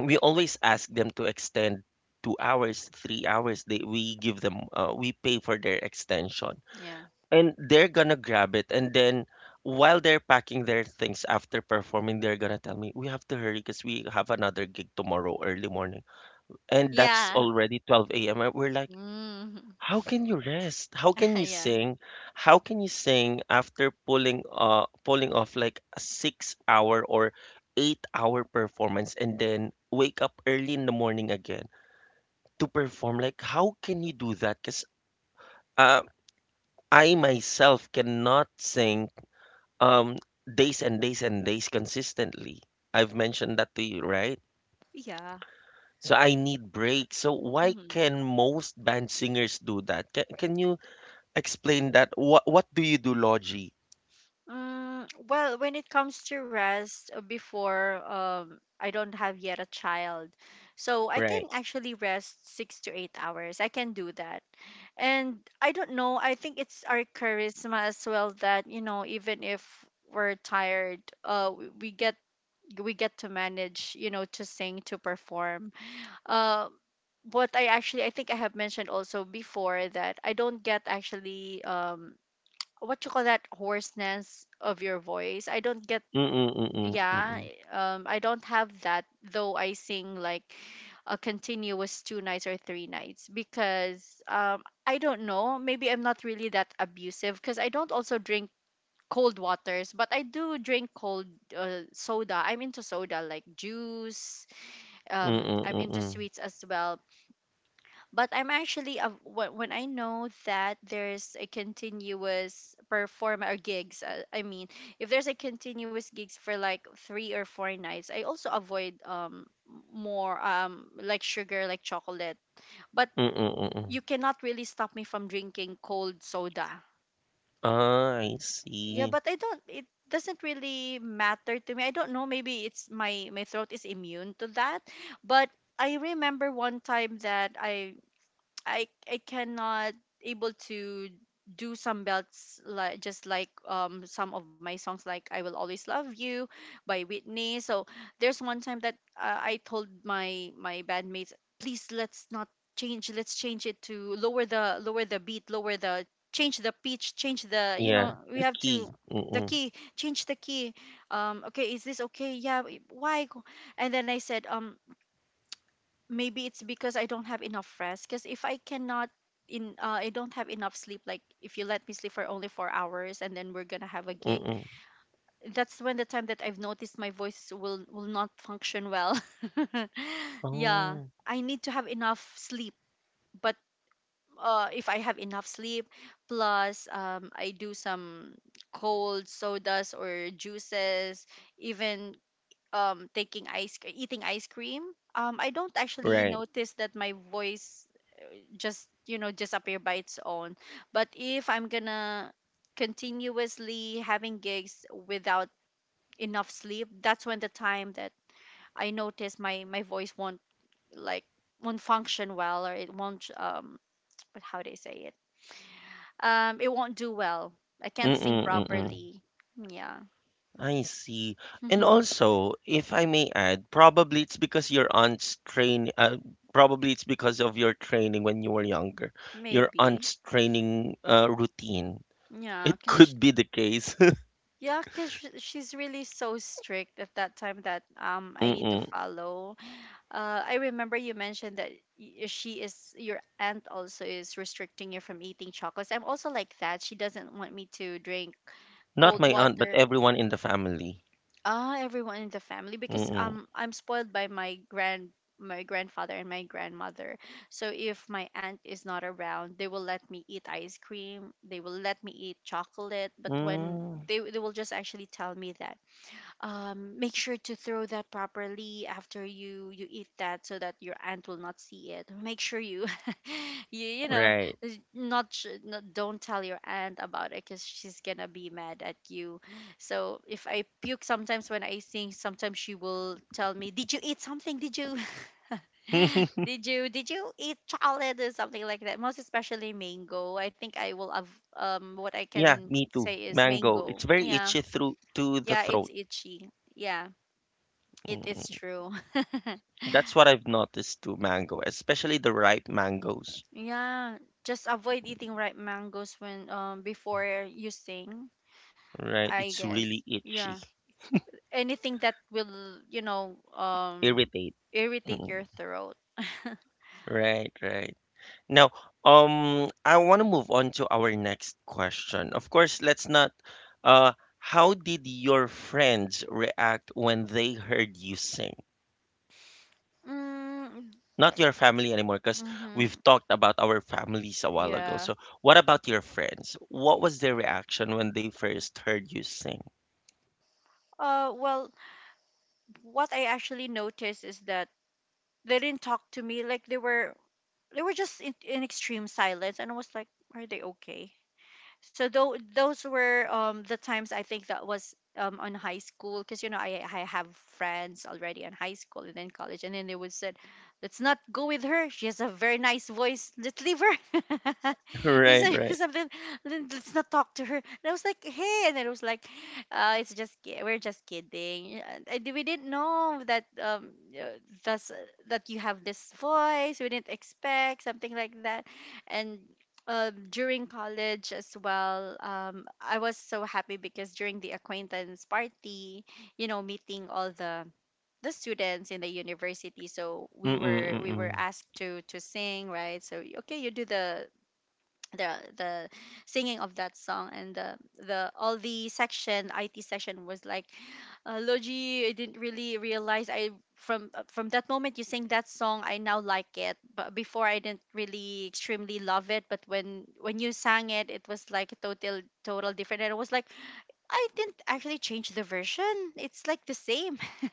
[SPEAKER 1] we always ask them to extend 2 hours 3 hours they we give them, we pay for their extension.
[SPEAKER 2] yeah,
[SPEAKER 1] And they're gonna grab it, and then while they're packing their things after performing, they're gonna tell me we have to hurry because we have another gig tomorrow early morning, and that's
[SPEAKER 2] yeah.
[SPEAKER 1] already 12 a.m. and we're like,
[SPEAKER 2] Mm,
[SPEAKER 1] how can you rest? How can
[SPEAKER 2] (laughs)
[SPEAKER 1] you
[SPEAKER 2] yeah,
[SPEAKER 1] sing? How can you sing after pulling pulling off like a 6 hour or 8 hour performance and then wake up early in the morning again to perform? Like how can you do that? Because uh, I myself cannot sing um days and days and days consistently. I've mentioned that to you, right?
[SPEAKER 2] yeah.
[SPEAKER 1] So I need breaks. So why
[SPEAKER 2] Mm-hmm.
[SPEAKER 1] can most band singers do that? Can you explain that? What do you do, Logi?
[SPEAKER 2] Mm, well, when it comes to rest, before I don't have yet a child. So I can
[SPEAKER 1] Right.
[SPEAKER 2] actually rest 6 to 8 hours. I can do that. And I don't know, I think it's our charisma as well, that, you know, even if we're tired, we get, we get to manage, you know, to sing, to perform. Uh what I actually, I think I have mentioned also before, that I don't get actually what you call that, hoarseness of your voice. I don't get,
[SPEAKER 1] Mm, mm, mm.
[SPEAKER 2] yeah, I don't have that, though I sing like a continuous two nights or three nights, because I don't know, maybe I'm not really that abusive, because I don't also drink cold waters, but I do drink cold soda. I'm into soda, like juice.
[SPEAKER 1] Mm, mm,
[SPEAKER 2] I'm into
[SPEAKER 1] mm.
[SPEAKER 2] sweets as well, but I'm actually a, when I know that there's a continuous perform or gigs. I mean, if there's a continuous gigs for like three or four nights, I also avoid more like sugar, like chocolate. But
[SPEAKER 1] Mm, mm.
[SPEAKER 2] you cannot really stop me from drinking cold soda.
[SPEAKER 1] Ah, I
[SPEAKER 2] Yeah,
[SPEAKER 1] see.
[SPEAKER 2] but I don't. It doesn't really matter to me. I don't know. Maybe it's my throat is immune to that, but. I remember one time that I cannot able to do some belts, like just like some of my songs, like I Will Always Love You by Whitney. So there's one time that, I told my bandmates, please let's not change, let's change it to lower the, lower the beat, lower the, change the pitch, change the, you
[SPEAKER 1] Yeah,
[SPEAKER 2] know, we
[SPEAKER 1] the
[SPEAKER 2] have to
[SPEAKER 1] key.
[SPEAKER 2] the
[SPEAKER 1] Mm,
[SPEAKER 2] key, change the key, okay, is this okay? Yeah, why? And then I said, maybe it's because I don't have enough rest. Because if I cannot in, I don't have enough sleep. Like if you let me sleep for only 4 hours, and then we're gonna have a gig,
[SPEAKER 1] mm.
[SPEAKER 2] that's when the time that I've noticed my voice will not function well. (laughs) Yeah,
[SPEAKER 1] Oh,
[SPEAKER 2] I need to have enough sleep. But if I have enough sleep, plus I do some cold sodas or juices, even taking eating ice cream, I don't actually
[SPEAKER 1] right.
[SPEAKER 2] notice that my voice just, you know, disappear by its own. But if I'm gonna continuously having gigs without enough sleep, that's when the time that I notice my voice won't, like, won't function well, or it won't (tsk) but how do I say it, it won't do well. I can't sing
[SPEAKER 1] Mm, mm.
[SPEAKER 2] properly, yeah.
[SPEAKER 1] I see. And
[SPEAKER 2] (laughs)
[SPEAKER 1] also, if I may add, probably it's because of your training when you were younger. Your
[SPEAKER 2] Maybe.
[SPEAKER 1] aunt's training routine.
[SPEAKER 2] Yeah,
[SPEAKER 1] It
[SPEAKER 2] because.
[SPEAKER 1] could be the case. (laughs)
[SPEAKER 2] Yeah, because she's really so strict at that time that I
[SPEAKER 1] Mm,
[SPEAKER 2] need to
[SPEAKER 1] mm.
[SPEAKER 2] follow. I remember you mentioned that she is, your aunt also is restricting you from eating chocolates. I'm also like that. She doesn't want me to drink
[SPEAKER 1] Not
[SPEAKER 2] cold
[SPEAKER 1] my aunt, but
[SPEAKER 2] water.
[SPEAKER 1] everyone in the family.
[SPEAKER 2] Ah, everyone in the family,
[SPEAKER 1] Mm,
[SPEAKER 2] because
[SPEAKER 1] mm.
[SPEAKER 2] I'm spoiled by my grand, my grandfather and my grandmother. So if my aunt is not around, they will let me eat ice cream. They will let me eat chocolate. But when
[SPEAKER 1] Mm.
[SPEAKER 2] they will just actually tell me that make sure to throw that properly after you eat that so that your aunt will not see it. Make sure you (laughs) you know
[SPEAKER 1] Right.
[SPEAKER 2] is not, not, don't tell your aunt about it because she's gonna be mad at you. So if I puke sometimes when I sing, sometimes she will tell me, did you eat something, did you (laughs)
[SPEAKER 1] (laughs)
[SPEAKER 2] did you eat chocolate or something like that? Most especially mango, I think I will have what I
[SPEAKER 1] Yeah,
[SPEAKER 2] can
[SPEAKER 1] me too.
[SPEAKER 2] say is
[SPEAKER 1] Mango.
[SPEAKER 2] mango.
[SPEAKER 1] It's very
[SPEAKER 2] Yeah,
[SPEAKER 1] itchy through to the
[SPEAKER 2] yeah, it's
[SPEAKER 1] throat.
[SPEAKER 2] itchy. Yeah, it is
[SPEAKER 1] Mm.
[SPEAKER 2] true. (laughs)
[SPEAKER 1] That's what I've noticed to mango, especially the ripe mangoes.
[SPEAKER 2] Yeah, just avoid eating ripe mangoes when before you sing,
[SPEAKER 1] Right.
[SPEAKER 2] I
[SPEAKER 1] It's
[SPEAKER 2] guess.
[SPEAKER 1] really
[SPEAKER 2] Yeah.
[SPEAKER 1] itchy.
[SPEAKER 2] Anything that will, you know,
[SPEAKER 1] Irritate.
[SPEAKER 2] irritate
[SPEAKER 1] Mm.
[SPEAKER 2] your throat.
[SPEAKER 1] Right, right. Now, I want to move on to our next question. Of course, let's not. Uh, how did your friends react when they heard you sing?
[SPEAKER 2] Mm,
[SPEAKER 1] Not your family anymore, because we've
[SPEAKER 2] mm-hmm.
[SPEAKER 1] talked about our families a while ago.
[SPEAKER 2] Yeah.
[SPEAKER 1] So, what about your friends? What was their reaction when they first heard you sing?
[SPEAKER 2] Well, what I actually noticed is that they didn't talk to me, like they were just in, extreme silence, and I was like, are they okay? So though those were the times. I think that was on high school because, you know, I have friends already in high school and then college, and then they would said, let's not go with her, she has a very nice voice, let's leave her.
[SPEAKER 1] (laughs)
[SPEAKER 2] (laughs) He
[SPEAKER 1] Right,
[SPEAKER 2] said (laughs)
[SPEAKER 1] right.
[SPEAKER 2] something. Let's not talk to her," and I was like, hey. And then it was like, it's just we're just kidding. And we didn't know that uh, that's that you have this voice, we didn't expect something like that. And during college as well, I was so happy because during the acquaintance party, you know, meeting all the students in the university. So we
[SPEAKER 1] Mm-mm,
[SPEAKER 2] were we were
[SPEAKER 1] mm-mm.
[SPEAKER 2] asked to sing, right? So okay, you do the the singing of that song, and the all the section, IT section was like, Logi, I didn't really realize. I From from that moment you sang that song, I now like it. But before, I didn't really extremely love it, but when you sang it, it was like a total, total different. And I was like, I didn't actually change the version. It's like the same. (laughs) And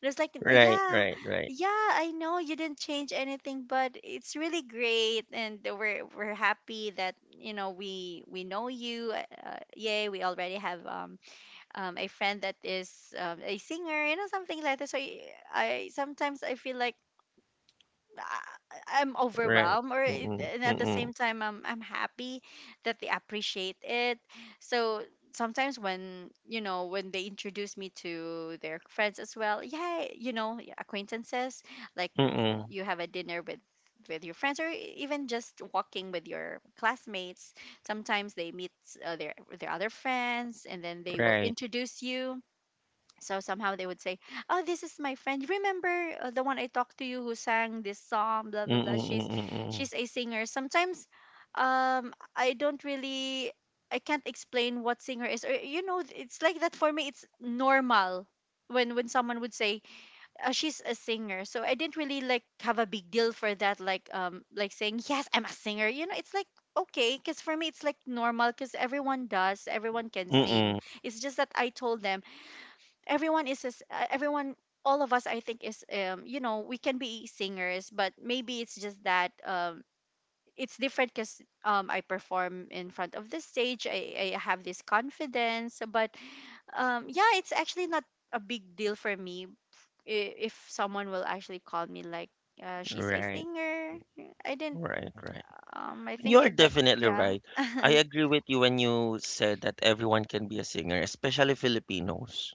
[SPEAKER 2] it was like,
[SPEAKER 1] Right,
[SPEAKER 2] yeah,
[SPEAKER 1] right, right,
[SPEAKER 2] yeah, I know you didn't change anything, but it's really great, and we're happy that, you know, we know you. Yay, we already have a friend that is a singer, you know, something like that. So I sometimes I feel like, ah, I'm
[SPEAKER 1] right.
[SPEAKER 2] overwhelmed, or it,
[SPEAKER 1] Mm-mm,
[SPEAKER 2] and at the
[SPEAKER 1] mm-mm,
[SPEAKER 2] same time I'm happy that they appreciate it. So sometimes when, you know, when they introduce me to their friends as well, yeah, you know, yeah, acquaintances, like
[SPEAKER 1] mm-mm,
[SPEAKER 2] you have a dinner with your friends, or even just walking with your classmates, sometimes they meet their other friends, and then they will
[SPEAKER 1] right.
[SPEAKER 2] introduce you. So somehow they would say, "Oh, this is my friend. Remember the one I talked to you who sang this song? Blah blah
[SPEAKER 1] Mm-mm,
[SPEAKER 2] blah.
[SPEAKER 1] mm-mm,
[SPEAKER 2] She's
[SPEAKER 1] mm-mm,
[SPEAKER 2] a singer." Sometimes, I don't really, I can't explain what singer is. Or, you know, it's like that for me. It's normal when someone would say, she's a singer. So I didn't really like have a big deal for that. Like saying, yes, I'm a singer. You know, it's like okay, because for me it's like normal because everyone does. Everyone can sing.
[SPEAKER 1] mm-mm.
[SPEAKER 2] It's just that I told them, everyone is everyone, all of us, I think, is you know, we can be singers, but maybe it's just that it's different because I perform in front of the stage. I have this confidence, but yeah, it's actually not a big deal for me if someone will actually call me like, she's a
[SPEAKER 1] Right,
[SPEAKER 2] singer. Yeah, I didn't.
[SPEAKER 1] right, right.
[SPEAKER 2] I think
[SPEAKER 1] You're
[SPEAKER 2] it, that
[SPEAKER 1] definitely
[SPEAKER 2] yeah,
[SPEAKER 1] right.
[SPEAKER 2] (laughs)
[SPEAKER 1] I agree with you when you said that everyone can be a singer, especially Filipinos.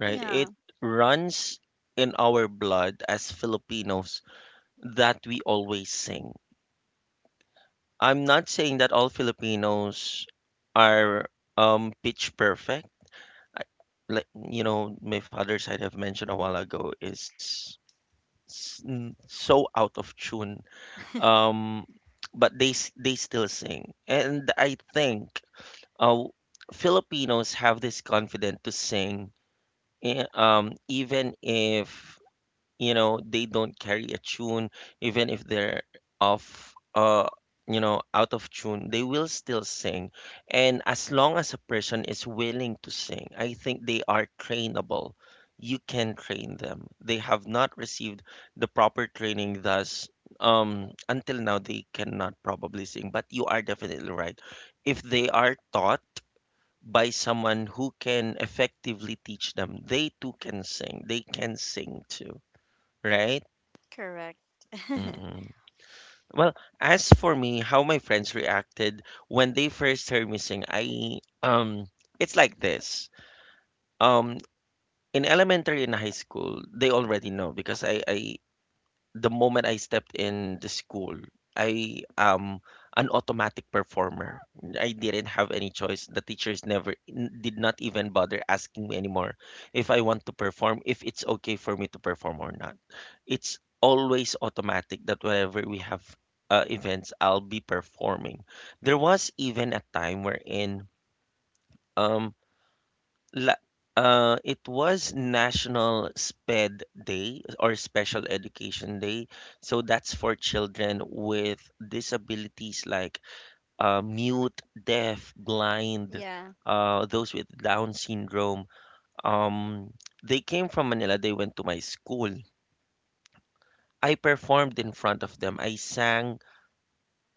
[SPEAKER 1] Right?
[SPEAKER 2] yeah,
[SPEAKER 1] It runs in our blood as Filipinos that we always sing. I'm not saying that all Filipinos are pitch perfect. I, like, you know, my father's side have mentioned a
[SPEAKER 2] hmm,
[SPEAKER 1] while ago is so out of tune. Um, but they they still sing, and I think uh, Filipinos have this confidence to sing, even if you know they don't carry a tune, even if they're off you know out of tune, they will still sing. And as long as a person is willing to sing, I think they are trainable. You can train them. They have not received the proper training, thus until now they cannot probably sing. But you are definitely right. If they are taught by someone who can effectively teach them, they too can sing. They can sing too. Right?
[SPEAKER 2] correct.
[SPEAKER 1] Mm-mm. Well, as for me, how my friends reacted when they first heard me sing, I it's like this. Um in elementary and high school, they already know because I the moment I stepped in the school, I am an automatic performer. I didn't have any choice. The teachers never did not even bother asking me anymore if I want to perform, if it's okay for me to perform or not. It's always automatic that whenever we have events, I'll be performing. There was even a time wherein um La- it was National SPED Day or Special Education Day. So that's for children with disabilities like mute, deaf, blind,
[SPEAKER 2] Yeah,
[SPEAKER 1] those with Down syndrome. Um, they came from Manila. They went to my school. I performed in front of them. I sang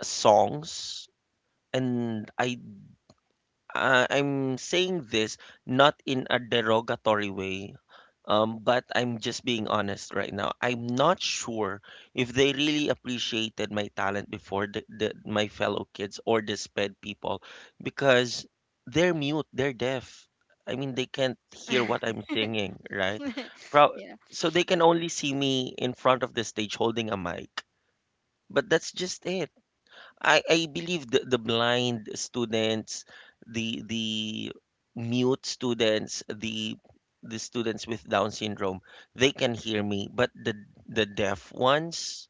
[SPEAKER 1] songs. And I'm saying this not in a derogatory way, but I'm just being honest right now. I'm not sure if they really appreciated my talent before my fellow kids or the sped people because they're mute, they're deaf. I mean, they can't hear what I'm singing, right?
[SPEAKER 2] (laughs)
[SPEAKER 1] Pro-
[SPEAKER 2] yeah,
[SPEAKER 1] so they can only see me in front of the stage holding a mic. But that's just it. I believe the blind students, the mute students, the students with Down syndrome, they can hear me, but the deaf ones,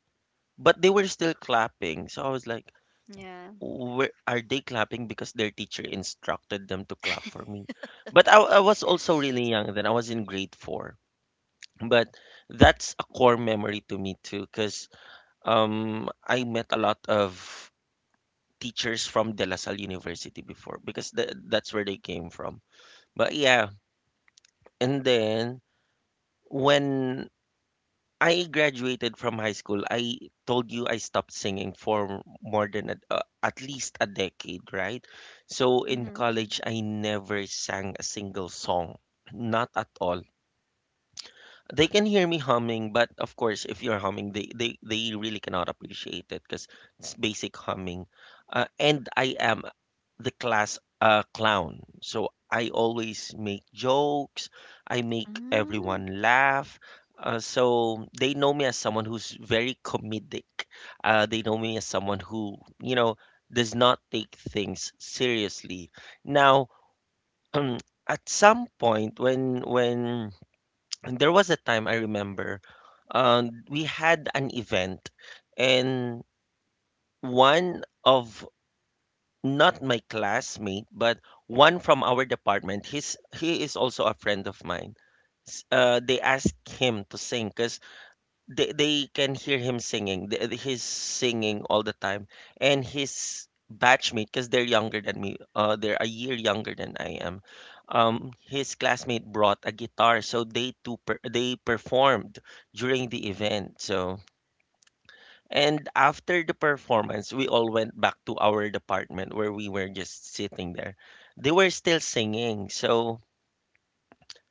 [SPEAKER 1] but they were still clapping. So I was like,
[SPEAKER 2] yeah.
[SPEAKER 1] where are they clapping because their teacher instructed them to clap for me? But I was also really young then. I was in grade four. But that's a core memory to me too, because I met a lot of teachers from De La Salle University before because that's where they came from. But yeah, and then when I graduated from high school, I told you I stopped singing for more than at least a decade, right? So in
[SPEAKER 2] Mm-hmm.
[SPEAKER 1] college, I never sang a single song, not at all. They can hear me humming, but of course, if you're humming, they really cannot appreciate it because it's basic humming. And I am the class a clown. So I always make jokes, I make
[SPEAKER 2] Mm.
[SPEAKER 1] everyone laugh. So they know me as someone who's very comedic. They know me as someone who, you know, does not take things seriously. Now, (clears throat) um, at some point when (clears throat) there was a time I remember, we had an event and one of not my classmate, but one from our department. He is also a friend of mine. They asked him to sing because they can hear him singing. He's singing all the time, and his batchmate, because they're younger than me, they're a year younger than I am. His classmate brought a guitar, so they performed during the event. So and after the performance, we all went back to our department where we were just sitting there. They were still singing. So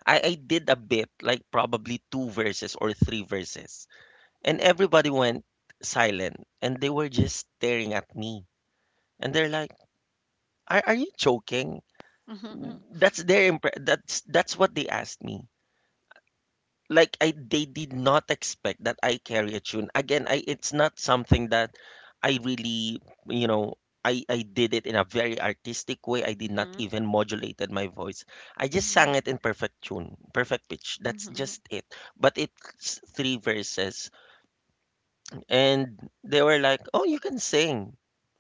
[SPEAKER 1] I did a bit, like probably two verses or three verses. And everybody went silent and they were just staring at me. And they're like, are you joking?
[SPEAKER 2] Mhm,
[SPEAKER 1] That's their impre- that's what they asked me. Like, I they did not expect that I carry a tune. Again, I it's not something that I really, you know, I did it in a very artistic way. I did not
[SPEAKER 2] mhm,
[SPEAKER 1] even modulated my voice. I just
[SPEAKER 2] mhm,
[SPEAKER 1] sang it in perfect tune, perfect pitch. That's
[SPEAKER 2] mhm,
[SPEAKER 1] just it. But it's three verses and they were like, "Oh, you can sing."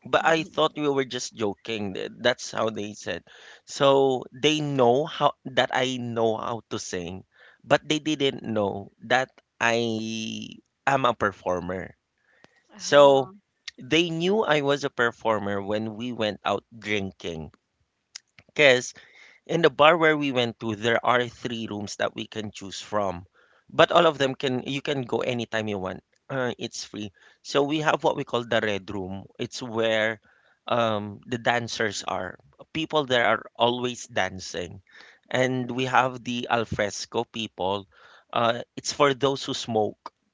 [SPEAKER 1] But
[SPEAKER 2] mhm,
[SPEAKER 1] I
[SPEAKER 2] mhm.
[SPEAKER 1] thought we were just joking. That's how they said. So they know how that I know how to sing, but they didn't know that I am a performer. So
[SPEAKER 2] Oh,
[SPEAKER 1] they knew I was a performer when we went out drinking. Cause, in the bar where we went to, there are three rooms that we can choose from, but all of them can you can go anytime you want. It's free. So we have what we call the red room. It's where the dancers are. People there are always dancing, and we have the alfresco people. It's for those who smoke. (clears throat)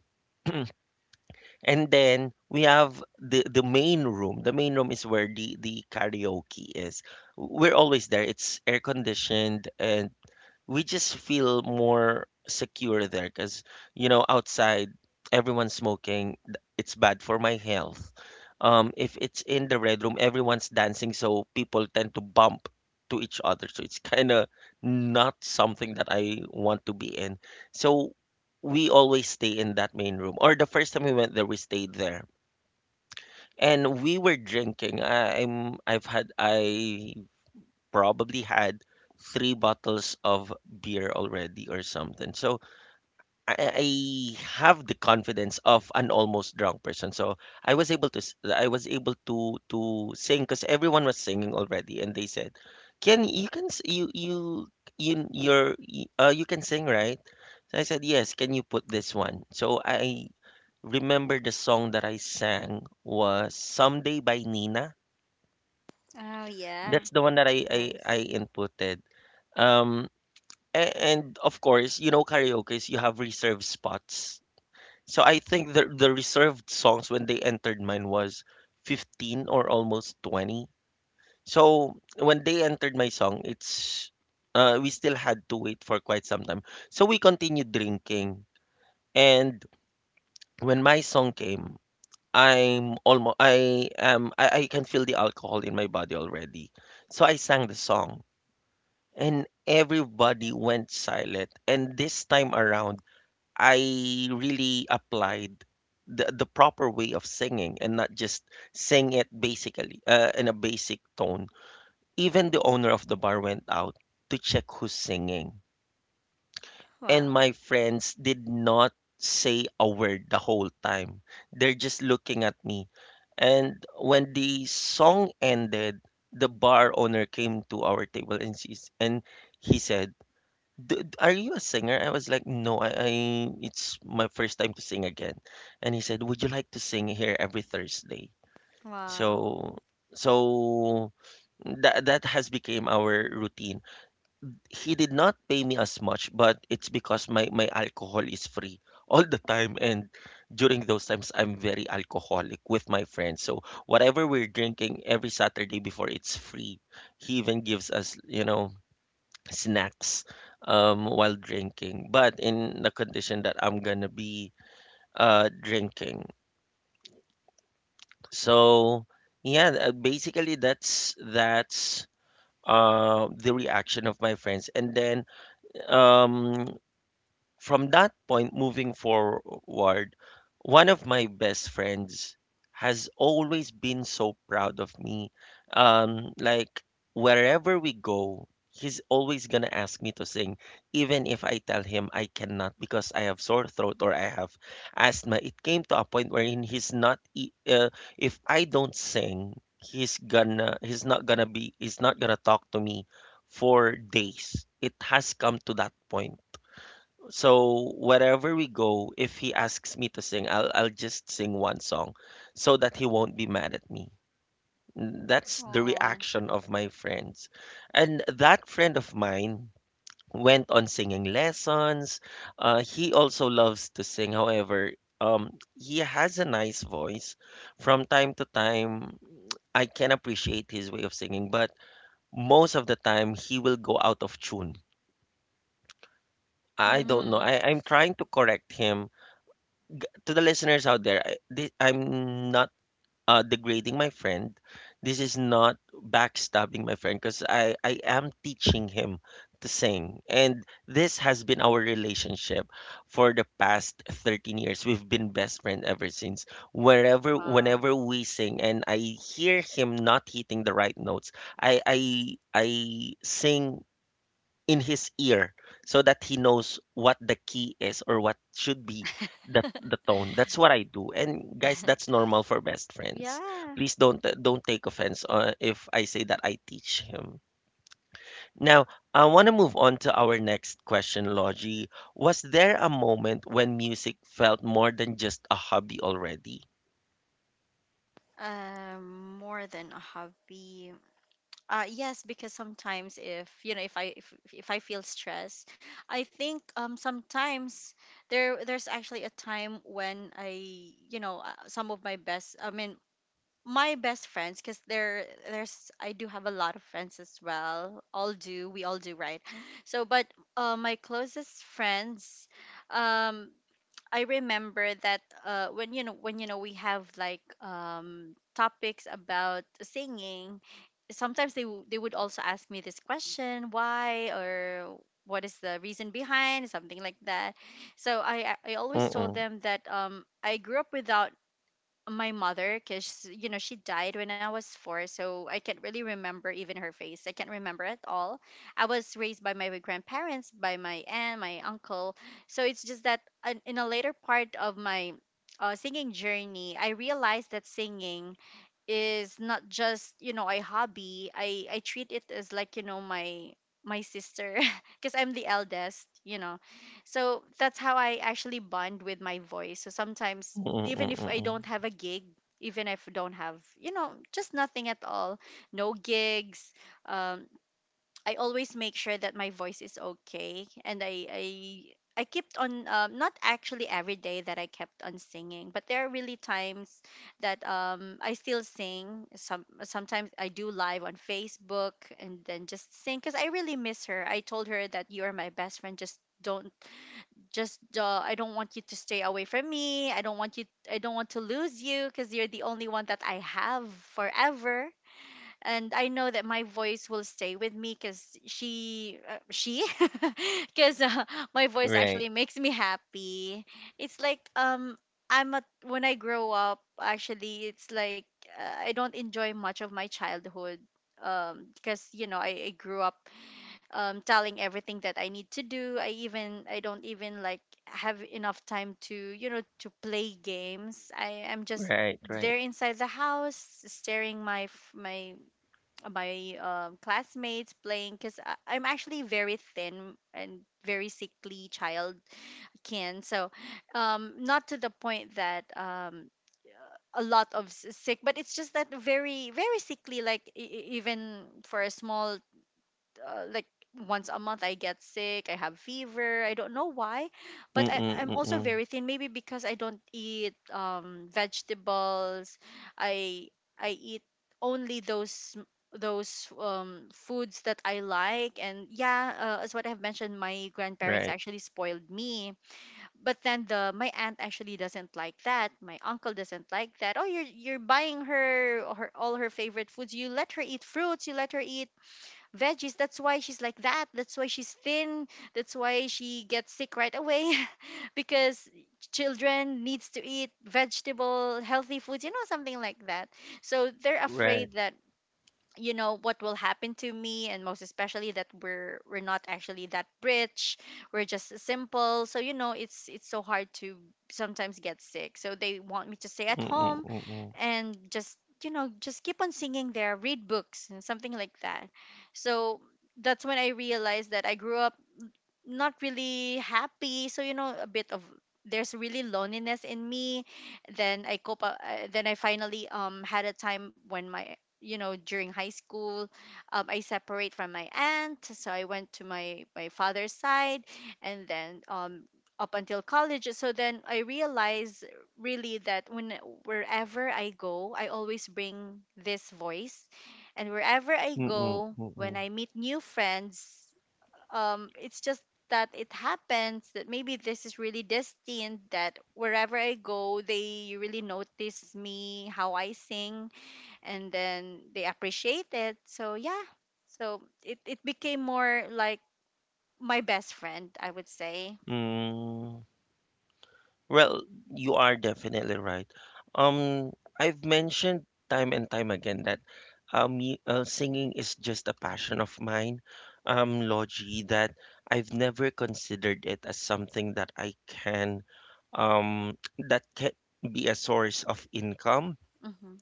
[SPEAKER 1] And then we have the main room. The main room is where the karaoke is. We're always there. It's air conditioned, and we just feel more secure there because you know outside everyone's smoking, it's bad for my health. If it's in the red room, everyone's dancing, so people tend to bump to each other, so it's kind of not something that I want to be in. So we always stay in that main room. Or the first time we went there, we stayed there, and we were drinking. I probably had three bottles of beer already or something. So I have the confidence of an almost drunk person. So I was able to I was able to sing because everyone was singing already, and they said, "Can you can you can sing, right?" So I said, "Yes. Can you put this one?" So I remember the song that I sang was "Someday" by Nina.
[SPEAKER 2] oh yeah,
[SPEAKER 1] That's the one that I
[SPEAKER 2] nice.
[SPEAKER 1] inputted. Um, And of course, you know, karaoke's you have reserved spots. So I think the reserved songs when they entered mine was 15 or almost 20. So when they entered my song, it's we still had to wait for quite some time. So we continued drinking. And when my song came, I'm almost I am I can feel the alcohol in my body already. So I sang the song, and everybody went silent. And this time around I really applied the proper way of singing and not just sing it basically in a basic tone. Even the owner of the bar went out to check who's singing, and
[SPEAKER 2] Wow,
[SPEAKER 1] my friends did not say a word the whole time. They're just looking at me. And when the song ended, the bar owner came to our table, and he said, "D are you a singer?" I was like, "No, I it's my first time to sing again." And he said, "Would you like to sing here every Thursday?"
[SPEAKER 2] wow.
[SPEAKER 1] So so that that has became our routine. He did not pay me as much, but it's because my alcohol is free (laughs) all the time. And during those times I'm very alcoholic with my friends. So whatever we're drinking every Saturday before it's free, he even gives us, you know, snacks while drinking, but in the condition that I'm gonna be drinking. So yeah, basically that's the reaction of my friends, and then um, from that point moving forward, one of my best friends has always been so proud of me. Like wherever we go, he's always gonna ask me to sing, even if I tell him I cannot because I have sore throat or I have asthma. It came to a point wherein he's not. If I don't sing, he's gonna. He's not gonna be. He's not gonna talk to me for days. It has come to that point. So wherever we go, if he asks me to sing, I'll just sing one song so that he won't be mad at me. That's the
[SPEAKER 2] Oh,
[SPEAKER 1] reaction of my friends. And that friend of mine went on singing lessons. He also loves to sing. However, um, he has a nice voice. From time to time, I can appreciate his way of singing, but most of the time he will go out of tune. I don't
[SPEAKER 2] mm,
[SPEAKER 1] know. I'm trying to correct him to the listeners out there, this, I'm not degrading my friend. This is not backstabbing my friend because I am teaching him to sing. And this has been our relationship for the past 13 years. We've been best friend ever since. Wherever,
[SPEAKER 2] wow.
[SPEAKER 1] whenever we sing and I hear him not hitting the right notes, I sing in his ear so that he knows what the key is or what should be the tone. That's what I do. And guys, that's
[SPEAKER 2] (laughs)
[SPEAKER 1] normal for best friends.
[SPEAKER 2] Yeah,
[SPEAKER 1] Please don't take offense if I say that I teach him. Now I want to move on to our next question, Logie. Was there a moment when music felt more than just a hobby already?
[SPEAKER 2] more than a hobby. Yes, because sometimes, if you know, if I feel stress, I think sometimes there's actually a time when I, you know, some of my best, I mean, my best friends, because there's, I do have a lot of friends as well. All do, we all do, right? So, but my closest friends, um, I remember that when you know, we have like topics about singing, sometimes they would also ask me this question, why, or what is the reason behind something like that. So I always told
[SPEAKER 1] Mm-mm.
[SPEAKER 2] them that I grew up without my mother because, you know, she died when I was four, so I can't really remember even her face, I can't remember at all. I was raised by my grandparents, by my aunt, my uncle. So it's just that in a later part of my singing journey, I realized that singing is not just, you know, a hobby. I treat it as like, you know, my sister, (laughs) because I'm the eldest, you know. So that's how I actually bond with my voice. So sometimes,
[SPEAKER 1] Mm-mm,
[SPEAKER 2] even if
[SPEAKER 1] mm-mm.
[SPEAKER 2] I
[SPEAKER 1] Mm.
[SPEAKER 2] don't have a gig, even if I don't have, you know, just nothing at all, no gigs, um I always make sure that my voice is okay, and I kept on not actually every day that I kept on singing, but there are really times that I still sing. Sometimes I do live on Facebook and then just sing because I really miss her. I told her that, you are my best friend. Just I don't want you to stay away from me. I don't want you. I don't want to lose you, because you're the only one that I have forever. And I know that my voice will stay with me, because she, (laughs) because my voice
[SPEAKER 1] Right.
[SPEAKER 2] actually makes me happy. It's like when I grow up. Actually, it's like I don't enjoy much of my childhood. Because, you know, I grew up telling everything that I need to do. I don't even like have enough time to, you know, to play games. I am just
[SPEAKER 1] Right. Right.
[SPEAKER 2] there inside the house staring my classmates playing, because I'm actually very thin and very sickly child kin. So, not to the point that a lot of sick, but it's just that very, very sickly. Like, even for a small like once a month I get sick, I have fever, I don't know why, but
[SPEAKER 1] Mm-mm,
[SPEAKER 2] I'm also
[SPEAKER 1] mm-mm.
[SPEAKER 2] very thin. Maybe because I don't eat vegetables. I I eat only those foods that I like. And yeah, as what I've mentioned, my grandparents
[SPEAKER 1] Right.
[SPEAKER 2] actually spoiled me. But then the my aunt actually doesn't like that. My uncle doesn't like that. Oh, you're buying her all her favorite foods. You let her eat fruits. You let her eat veggies. That's why she's like that. That's why she's thin. That's why she gets sick right away, (laughs) because children needs to eat vegetable healthy foods, you know, something like that. So they're
[SPEAKER 1] Right.
[SPEAKER 2] afraid that, you know, what will happen to me, and most especially that we're not actually that rich, we're just simple. So, you know, it's so hard to sometimes get sick, so they want me to stay at
[SPEAKER 1] Mm-mm,
[SPEAKER 2] home
[SPEAKER 1] mm-mm.
[SPEAKER 2] and just, you know, just keep on singing there, read books and something like that. So that's when I realized that I grew up not really happy. So, you know, a bit of, there's really loneliness in me. Then I cope up, then I finally had a time when my, you know, during high school, I separate from my aunt, so I went to my father's side. And then up until college. So then I realized really that when, wherever I go, I always bring this voice. And wherever I
[SPEAKER 1] Mm-mm,
[SPEAKER 2] go, when
[SPEAKER 1] mm-mm.
[SPEAKER 2] I meet new friends, it's just that it happens that maybe this is really destined that wherever I go, they really notice me how I sing, and then they appreciate it. So yeah, so it became more like my best friend, I would say.
[SPEAKER 1] Mm, well, you are definitely right. Um, I've mentioned time and time again that singing is just a passion of mine, Logie, that I've never considered it as something that I can, um, that can be a source of income.
[SPEAKER 2] Hmm.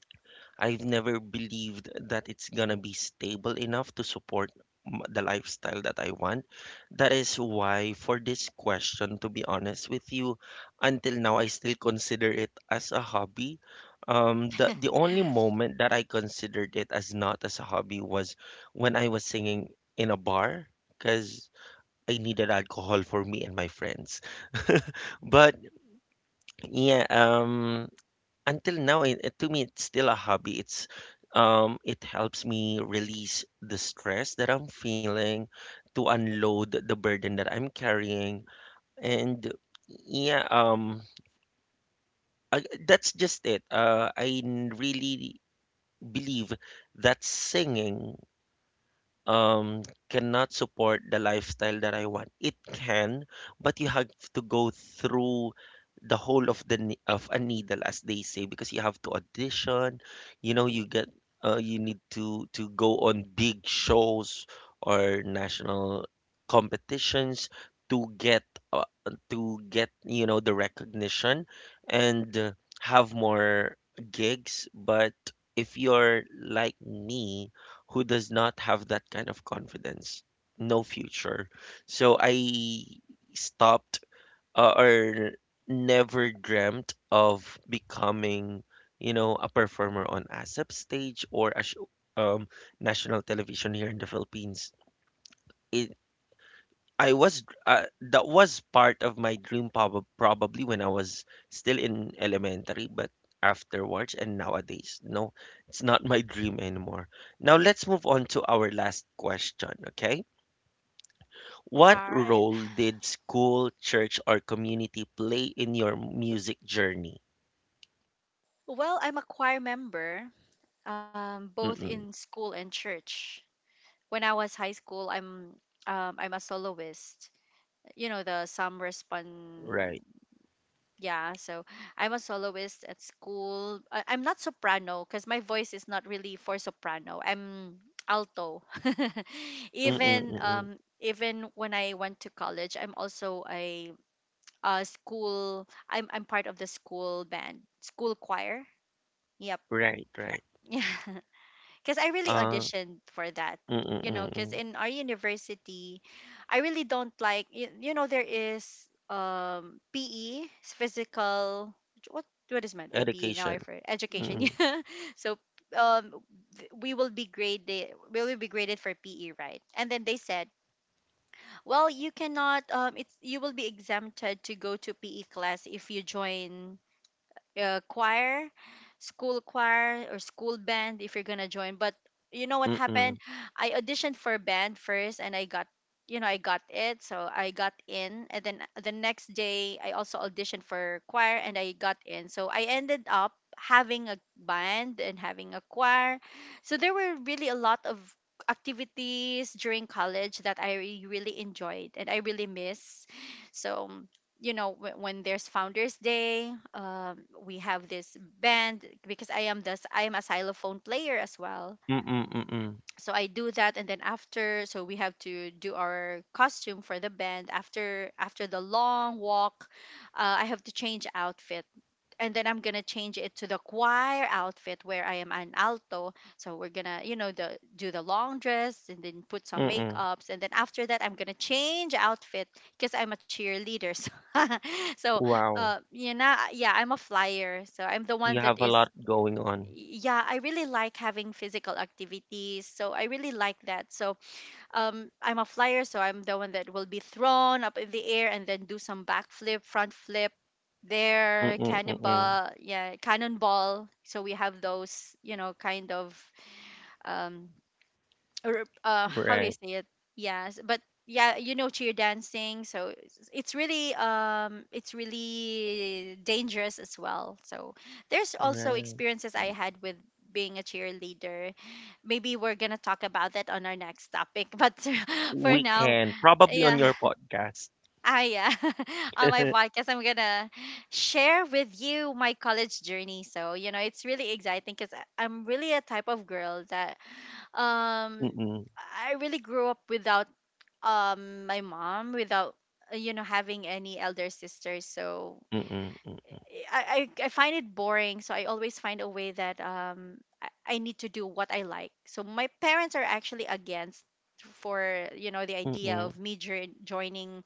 [SPEAKER 1] I've never believed that it's gonna be stable enough to support the lifestyle that I want. That is why, for this question, to be honest with you, until now I still consider it as a hobby. The only moment that I considered it as not as a hobby was when I was singing in a bar, because I needed alcohol for me and my friends. (laughs) But yeah, until now to me it's still a hobby. It's it helps me release the stress that I'm feeling, to unload the burden that I'm carrying. And yeah, that's just it. Really believe that singing um cannot support the lifestyle that I want. It can, but you have to go through the whole of the of a needle, as they say, because you have to audition. You know, you get you need to go on big shows or national competitions to get uh, to get you know the recognition and have more gigs. But if you're like me, who does not have that kind of confidence, no future. So I stopped or never dreamt of becoming, you know, a performer on ASAP stage or a um, national television here in the Philippines. It, I was that was part of my dream probably when I was still in elementary, but afterwards and nowadays, no, it's not my dream anymore. Now let's move on to our last question, okay? What
[SPEAKER 2] All right.
[SPEAKER 1] role did school, church, or community play in your music journey?
[SPEAKER 2] Well, I'm a choir member, both in
[SPEAKER 1] Mm-mm.
[SPEAKER 2] school and church. When I was high school, I'm a soloist. You know, the some
[SPEAKER 1] Right.
[SPEAKER 2] respond. Yeah, so I'm a soloist at school. I'm not soprano because my voice is not really for soprano, I'm alto. (laughs)
[SPEAKER 1] Mm-mm,
[SPEAKER 2] Even
[SPEAKER 1] mm-mm.
[SPEAKER 2] even when I went to college, I'm also a school, I'm part of the school band, school choir. Yep.
[SPEAKER 1] Right, right.
[SPEAKER 2] (laughs) Yeah, because I really
[SPEAKER 1] Uh,
[SPEAKER 2] auditioned for that.
[SPEAKER 1] mm-mm,
[SPEAKER 2] You know, because
[SPEAKER 1] mm-mm.
[SPEAKER 2] in our university, I really don't like. You know, there is PE, it's physical. What is meant by PE? Now I
[SPEAKER 1] Education.
[SPEAKER 2] for education. (laughs)
[SPEAKER 1] Mm-mm,
[SPEAKER 2] Yeah. So um we will be graded we will be graded for PE, right? And then they said, well, you cannot it's you will be exempted to go to PE class if you join choir, school choir or school band if you're gonna join. But you know what
[SPEAKER 1] mm-mm,
[SPEAKER 2] happened? I auditioned for band first, and I got I got it, so I got in. And then the next day, I also auditioned for choir, and I got in. So I ended up having a band and having a choir. So there were really a lot of activities during college that really enjoyed and I really miss. So when there's founders day, we have this band because I am a xylophone player as well,
[SPEAKER 1] mm-mm, mm-mm,
[SPEAKER 2] so I do that. And then after, so we have to do our costume for the band after after the long walk. I have to change outfit, and then I'm gonna change it to the choir outfit where I am an alto. So we're gonna, you know, the do the long dress and then put some
[SPEAKER 1] mm-mm.
[SPEAKER 2] makeups, and then after that I'm gonna change outfit because I'm a cheerleader. (laughs) So,
[SPEAKER 1] Wow.
[SPEAKER 2] you know, yeah, I'm a flyer. So I'm the one
[SPEAKER 1] You
[SPEAKER 2] that
[SPEAKER 1] have a
[SPEAKER 2] is.
[SPEAKER 1] lot going on.
[SPEAKER 2] Yeah, I really like having physical activities. So I really like that. So I'm a flyer, so I'm the one that will be thrown up in the air and then do some backflip, front flip there,
[SPEAKER 1] Mm-mm, mm-mm.
[SPEAKER 2] cannibal, yeah, cannonball. So we have those, you know, kind of um, or how do you
[SPEAKER 1] Right,
[SPEAKER 2] say it? Yes, but yeah, you know, cheer dancing. So it's really it's really dangerous as well. So there's also
[SPEAKER 1] right.
[SPEAKER 2] experiences I had with being a cheerleader. Maybe we're gonna talk about that on our next topic (laughs) but for
[SPEAKER 1] We
[SPEAKER 2] now,
[SPEAKER 1] can probably on
[SPEAKER 2] yeah.
[SPEAKER 1] your podcast.
[SPEAKER 2] Yeah, (laughs) on my
[SPEAKER 1] (laughs)
[SPEAKER 2] podcast, I'm gonna share with you my college journey. So you know, it's really exciting because I'm really a type of girl that um
[SPEAKER 1] Mm-mm,
[SPEAKER 2] I really grew up without my mom, without you know, having any elder sisters. So
[SPEAKER 1] mm-mm, mm-
[SPEAKER 2] I find it boring, so I always find a way that I need to do what I like. So my parents are actually against for you know, the idea
[SPEAKER 1] mm-mm, mm
[SPEAKER 2] of me joining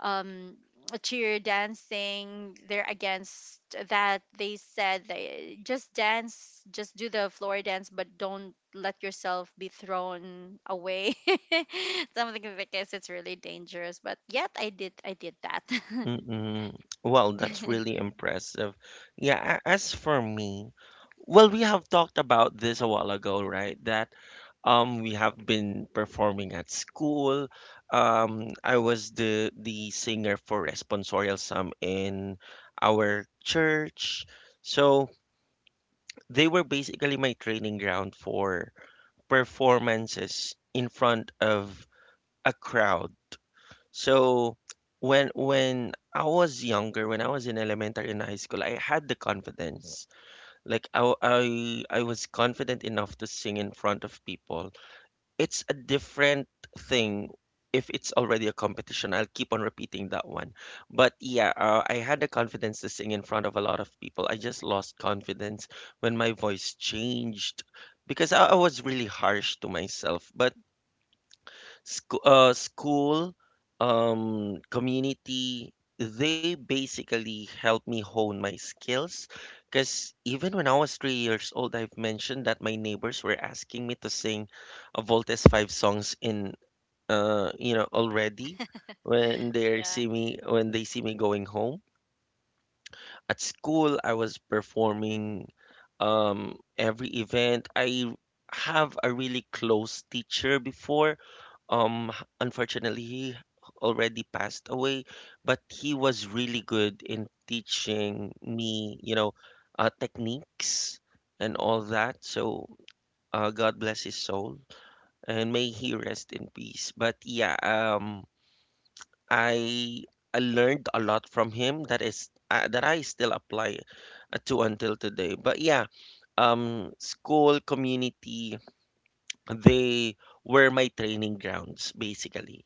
[SPEAKER 2] um cheer dancing. They're against that. They said they just dance, just do the floor dance, but don't let yourself be thrown away (laughs) something because it's really dangerous. But yet I did that. (laughs)
[SPEAKER 1] mm mm. Well, that's really impressive. Yeah, as for me, well, we have talked about this a while ago, right? That we have been performing at school. I was the singer for Responsorial Sum in our church. So they were basically my training ground for performances in front of a crowd. So when I was younger, when I was in elementary and high school, I had the confidence. Like I was confident enough to sing in front of people. It's a different thing if it's already a competition. I'll keep on repeating that one. But yeah, I had the confidence to sing in front of a lot of people. I just lost confidence when my voice changed because I was really harsh to myself. But school, community, they basically helped me hone my skills. Because even when I was 3 years old, I've mentioned that my neighbors were asking me to sing a Voltes 5 songs in, you know, already when they
[SPEAKER 2] Yeah,
[SPEAKER 1] see me when they see me going home. At school, I was performing every event. I have a really close teacher before. Unfortunately, he already passed away, but he was really good in teaching me, you know, techniques and all that. So, God bless his soul and may he rest in peace. But yeah, I I learned a lot from him that is that I still apply to until today. But yeah, school community, they were my training grounds basically.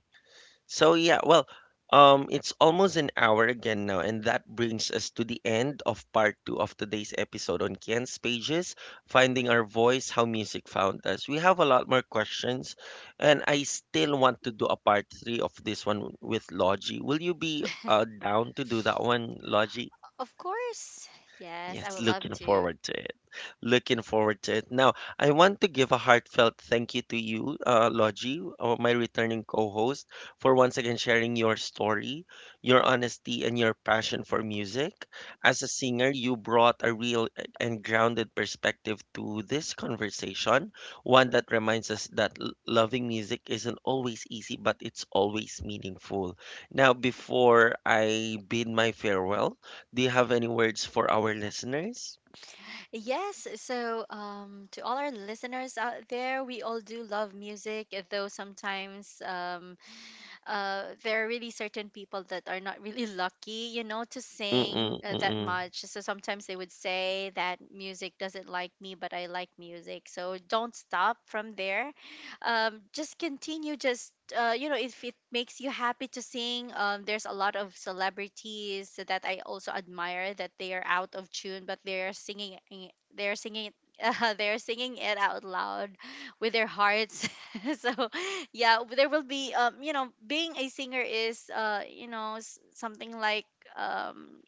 [SPEAKER 1] So yeah, well, it's almost an hour again now, and that brings us to the end of part two of today's episode on Kian's Pages, Finding Our Voice, How Music Found Us. We have a lot more questions, and I still want to do a part three of this one with Logie. Will you be down to do that one, Logie?
[SPEAKER 2] of course. Yes, I
[SPEAKER 1] Yes,
[SPEAKER 2] would love
[SPEAKER 1] looking
[SPEAKER 2] to.
[SPEAKER 1] forward to it. Looking forward to it. Now, I want to give a heartfelt thank you to you, Logie, my returning co-host, for once again sharing your story, your honesty, and your passion for music. As a singer, you brought a real eh, and grounded perspective to this conversation, one that reminds us that loving music isn't always easy, but it's always meaningful. Now, before I bid my farewell, do you have any words for our listeners?
[SPEAKER 2] Yes, so to all our listeners out there, we all do love music, though sometimes, there are really certain people that are not really lucky, you know, to sing
[SPEAKER 1] Mm-mm,
[SPEAKER 2] that
[SPEAKER 1] mm-mm.
[SPEAKER 2] much. So sometimes they would say that music doesn't like me, but I like music. So don't stop from there. Just continue. Just you know, if it makes you happy to sing, there's a lot of celebrities that I also admire that they are out of tune, but they are singing. They are singing. (laughs) They're singing it out loud with their hearts. (laughs) So yeah, there will be you know, being a singer is you know, something like um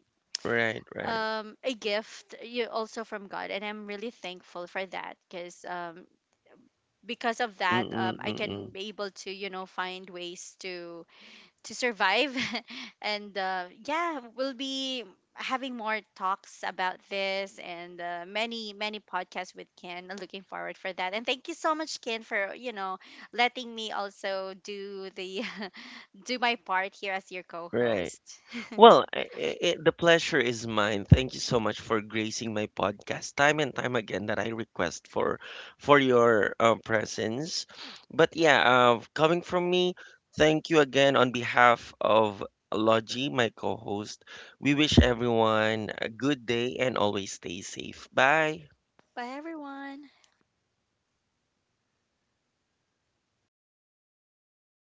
[SPEAKER 1] Right, right.
[SPEAKER 2] a gift you also from God, and I'm really thankful for that because of that,
[SPEAKER 1] Mm-mm,
[SPEAKER 2] I can
[SPEAKER 1] mm-mm.
[SPEAKER 2] be able to, you know, find ways to survive (laughs) and yeah, we'll be having more talks about this and many many podcasts with ken. I'm looking forward for that. And thank you so much, ken, for, you know, letting me also do the (laughs) do my part here as your
[SPEAKER 1] Right.
[SPEAKER 2] co-host.
[SPEAKER 1] Well, the pleasure is mine. Thank you so much for gracing my podcast time and time again that I request for your presence. But yeah, coming from me, thank you again on behalf of Logie, my co-host. We wish everyone a good day and always stay safe. Bye.
[SPEAKER 2] (laughs) Bye, everyone.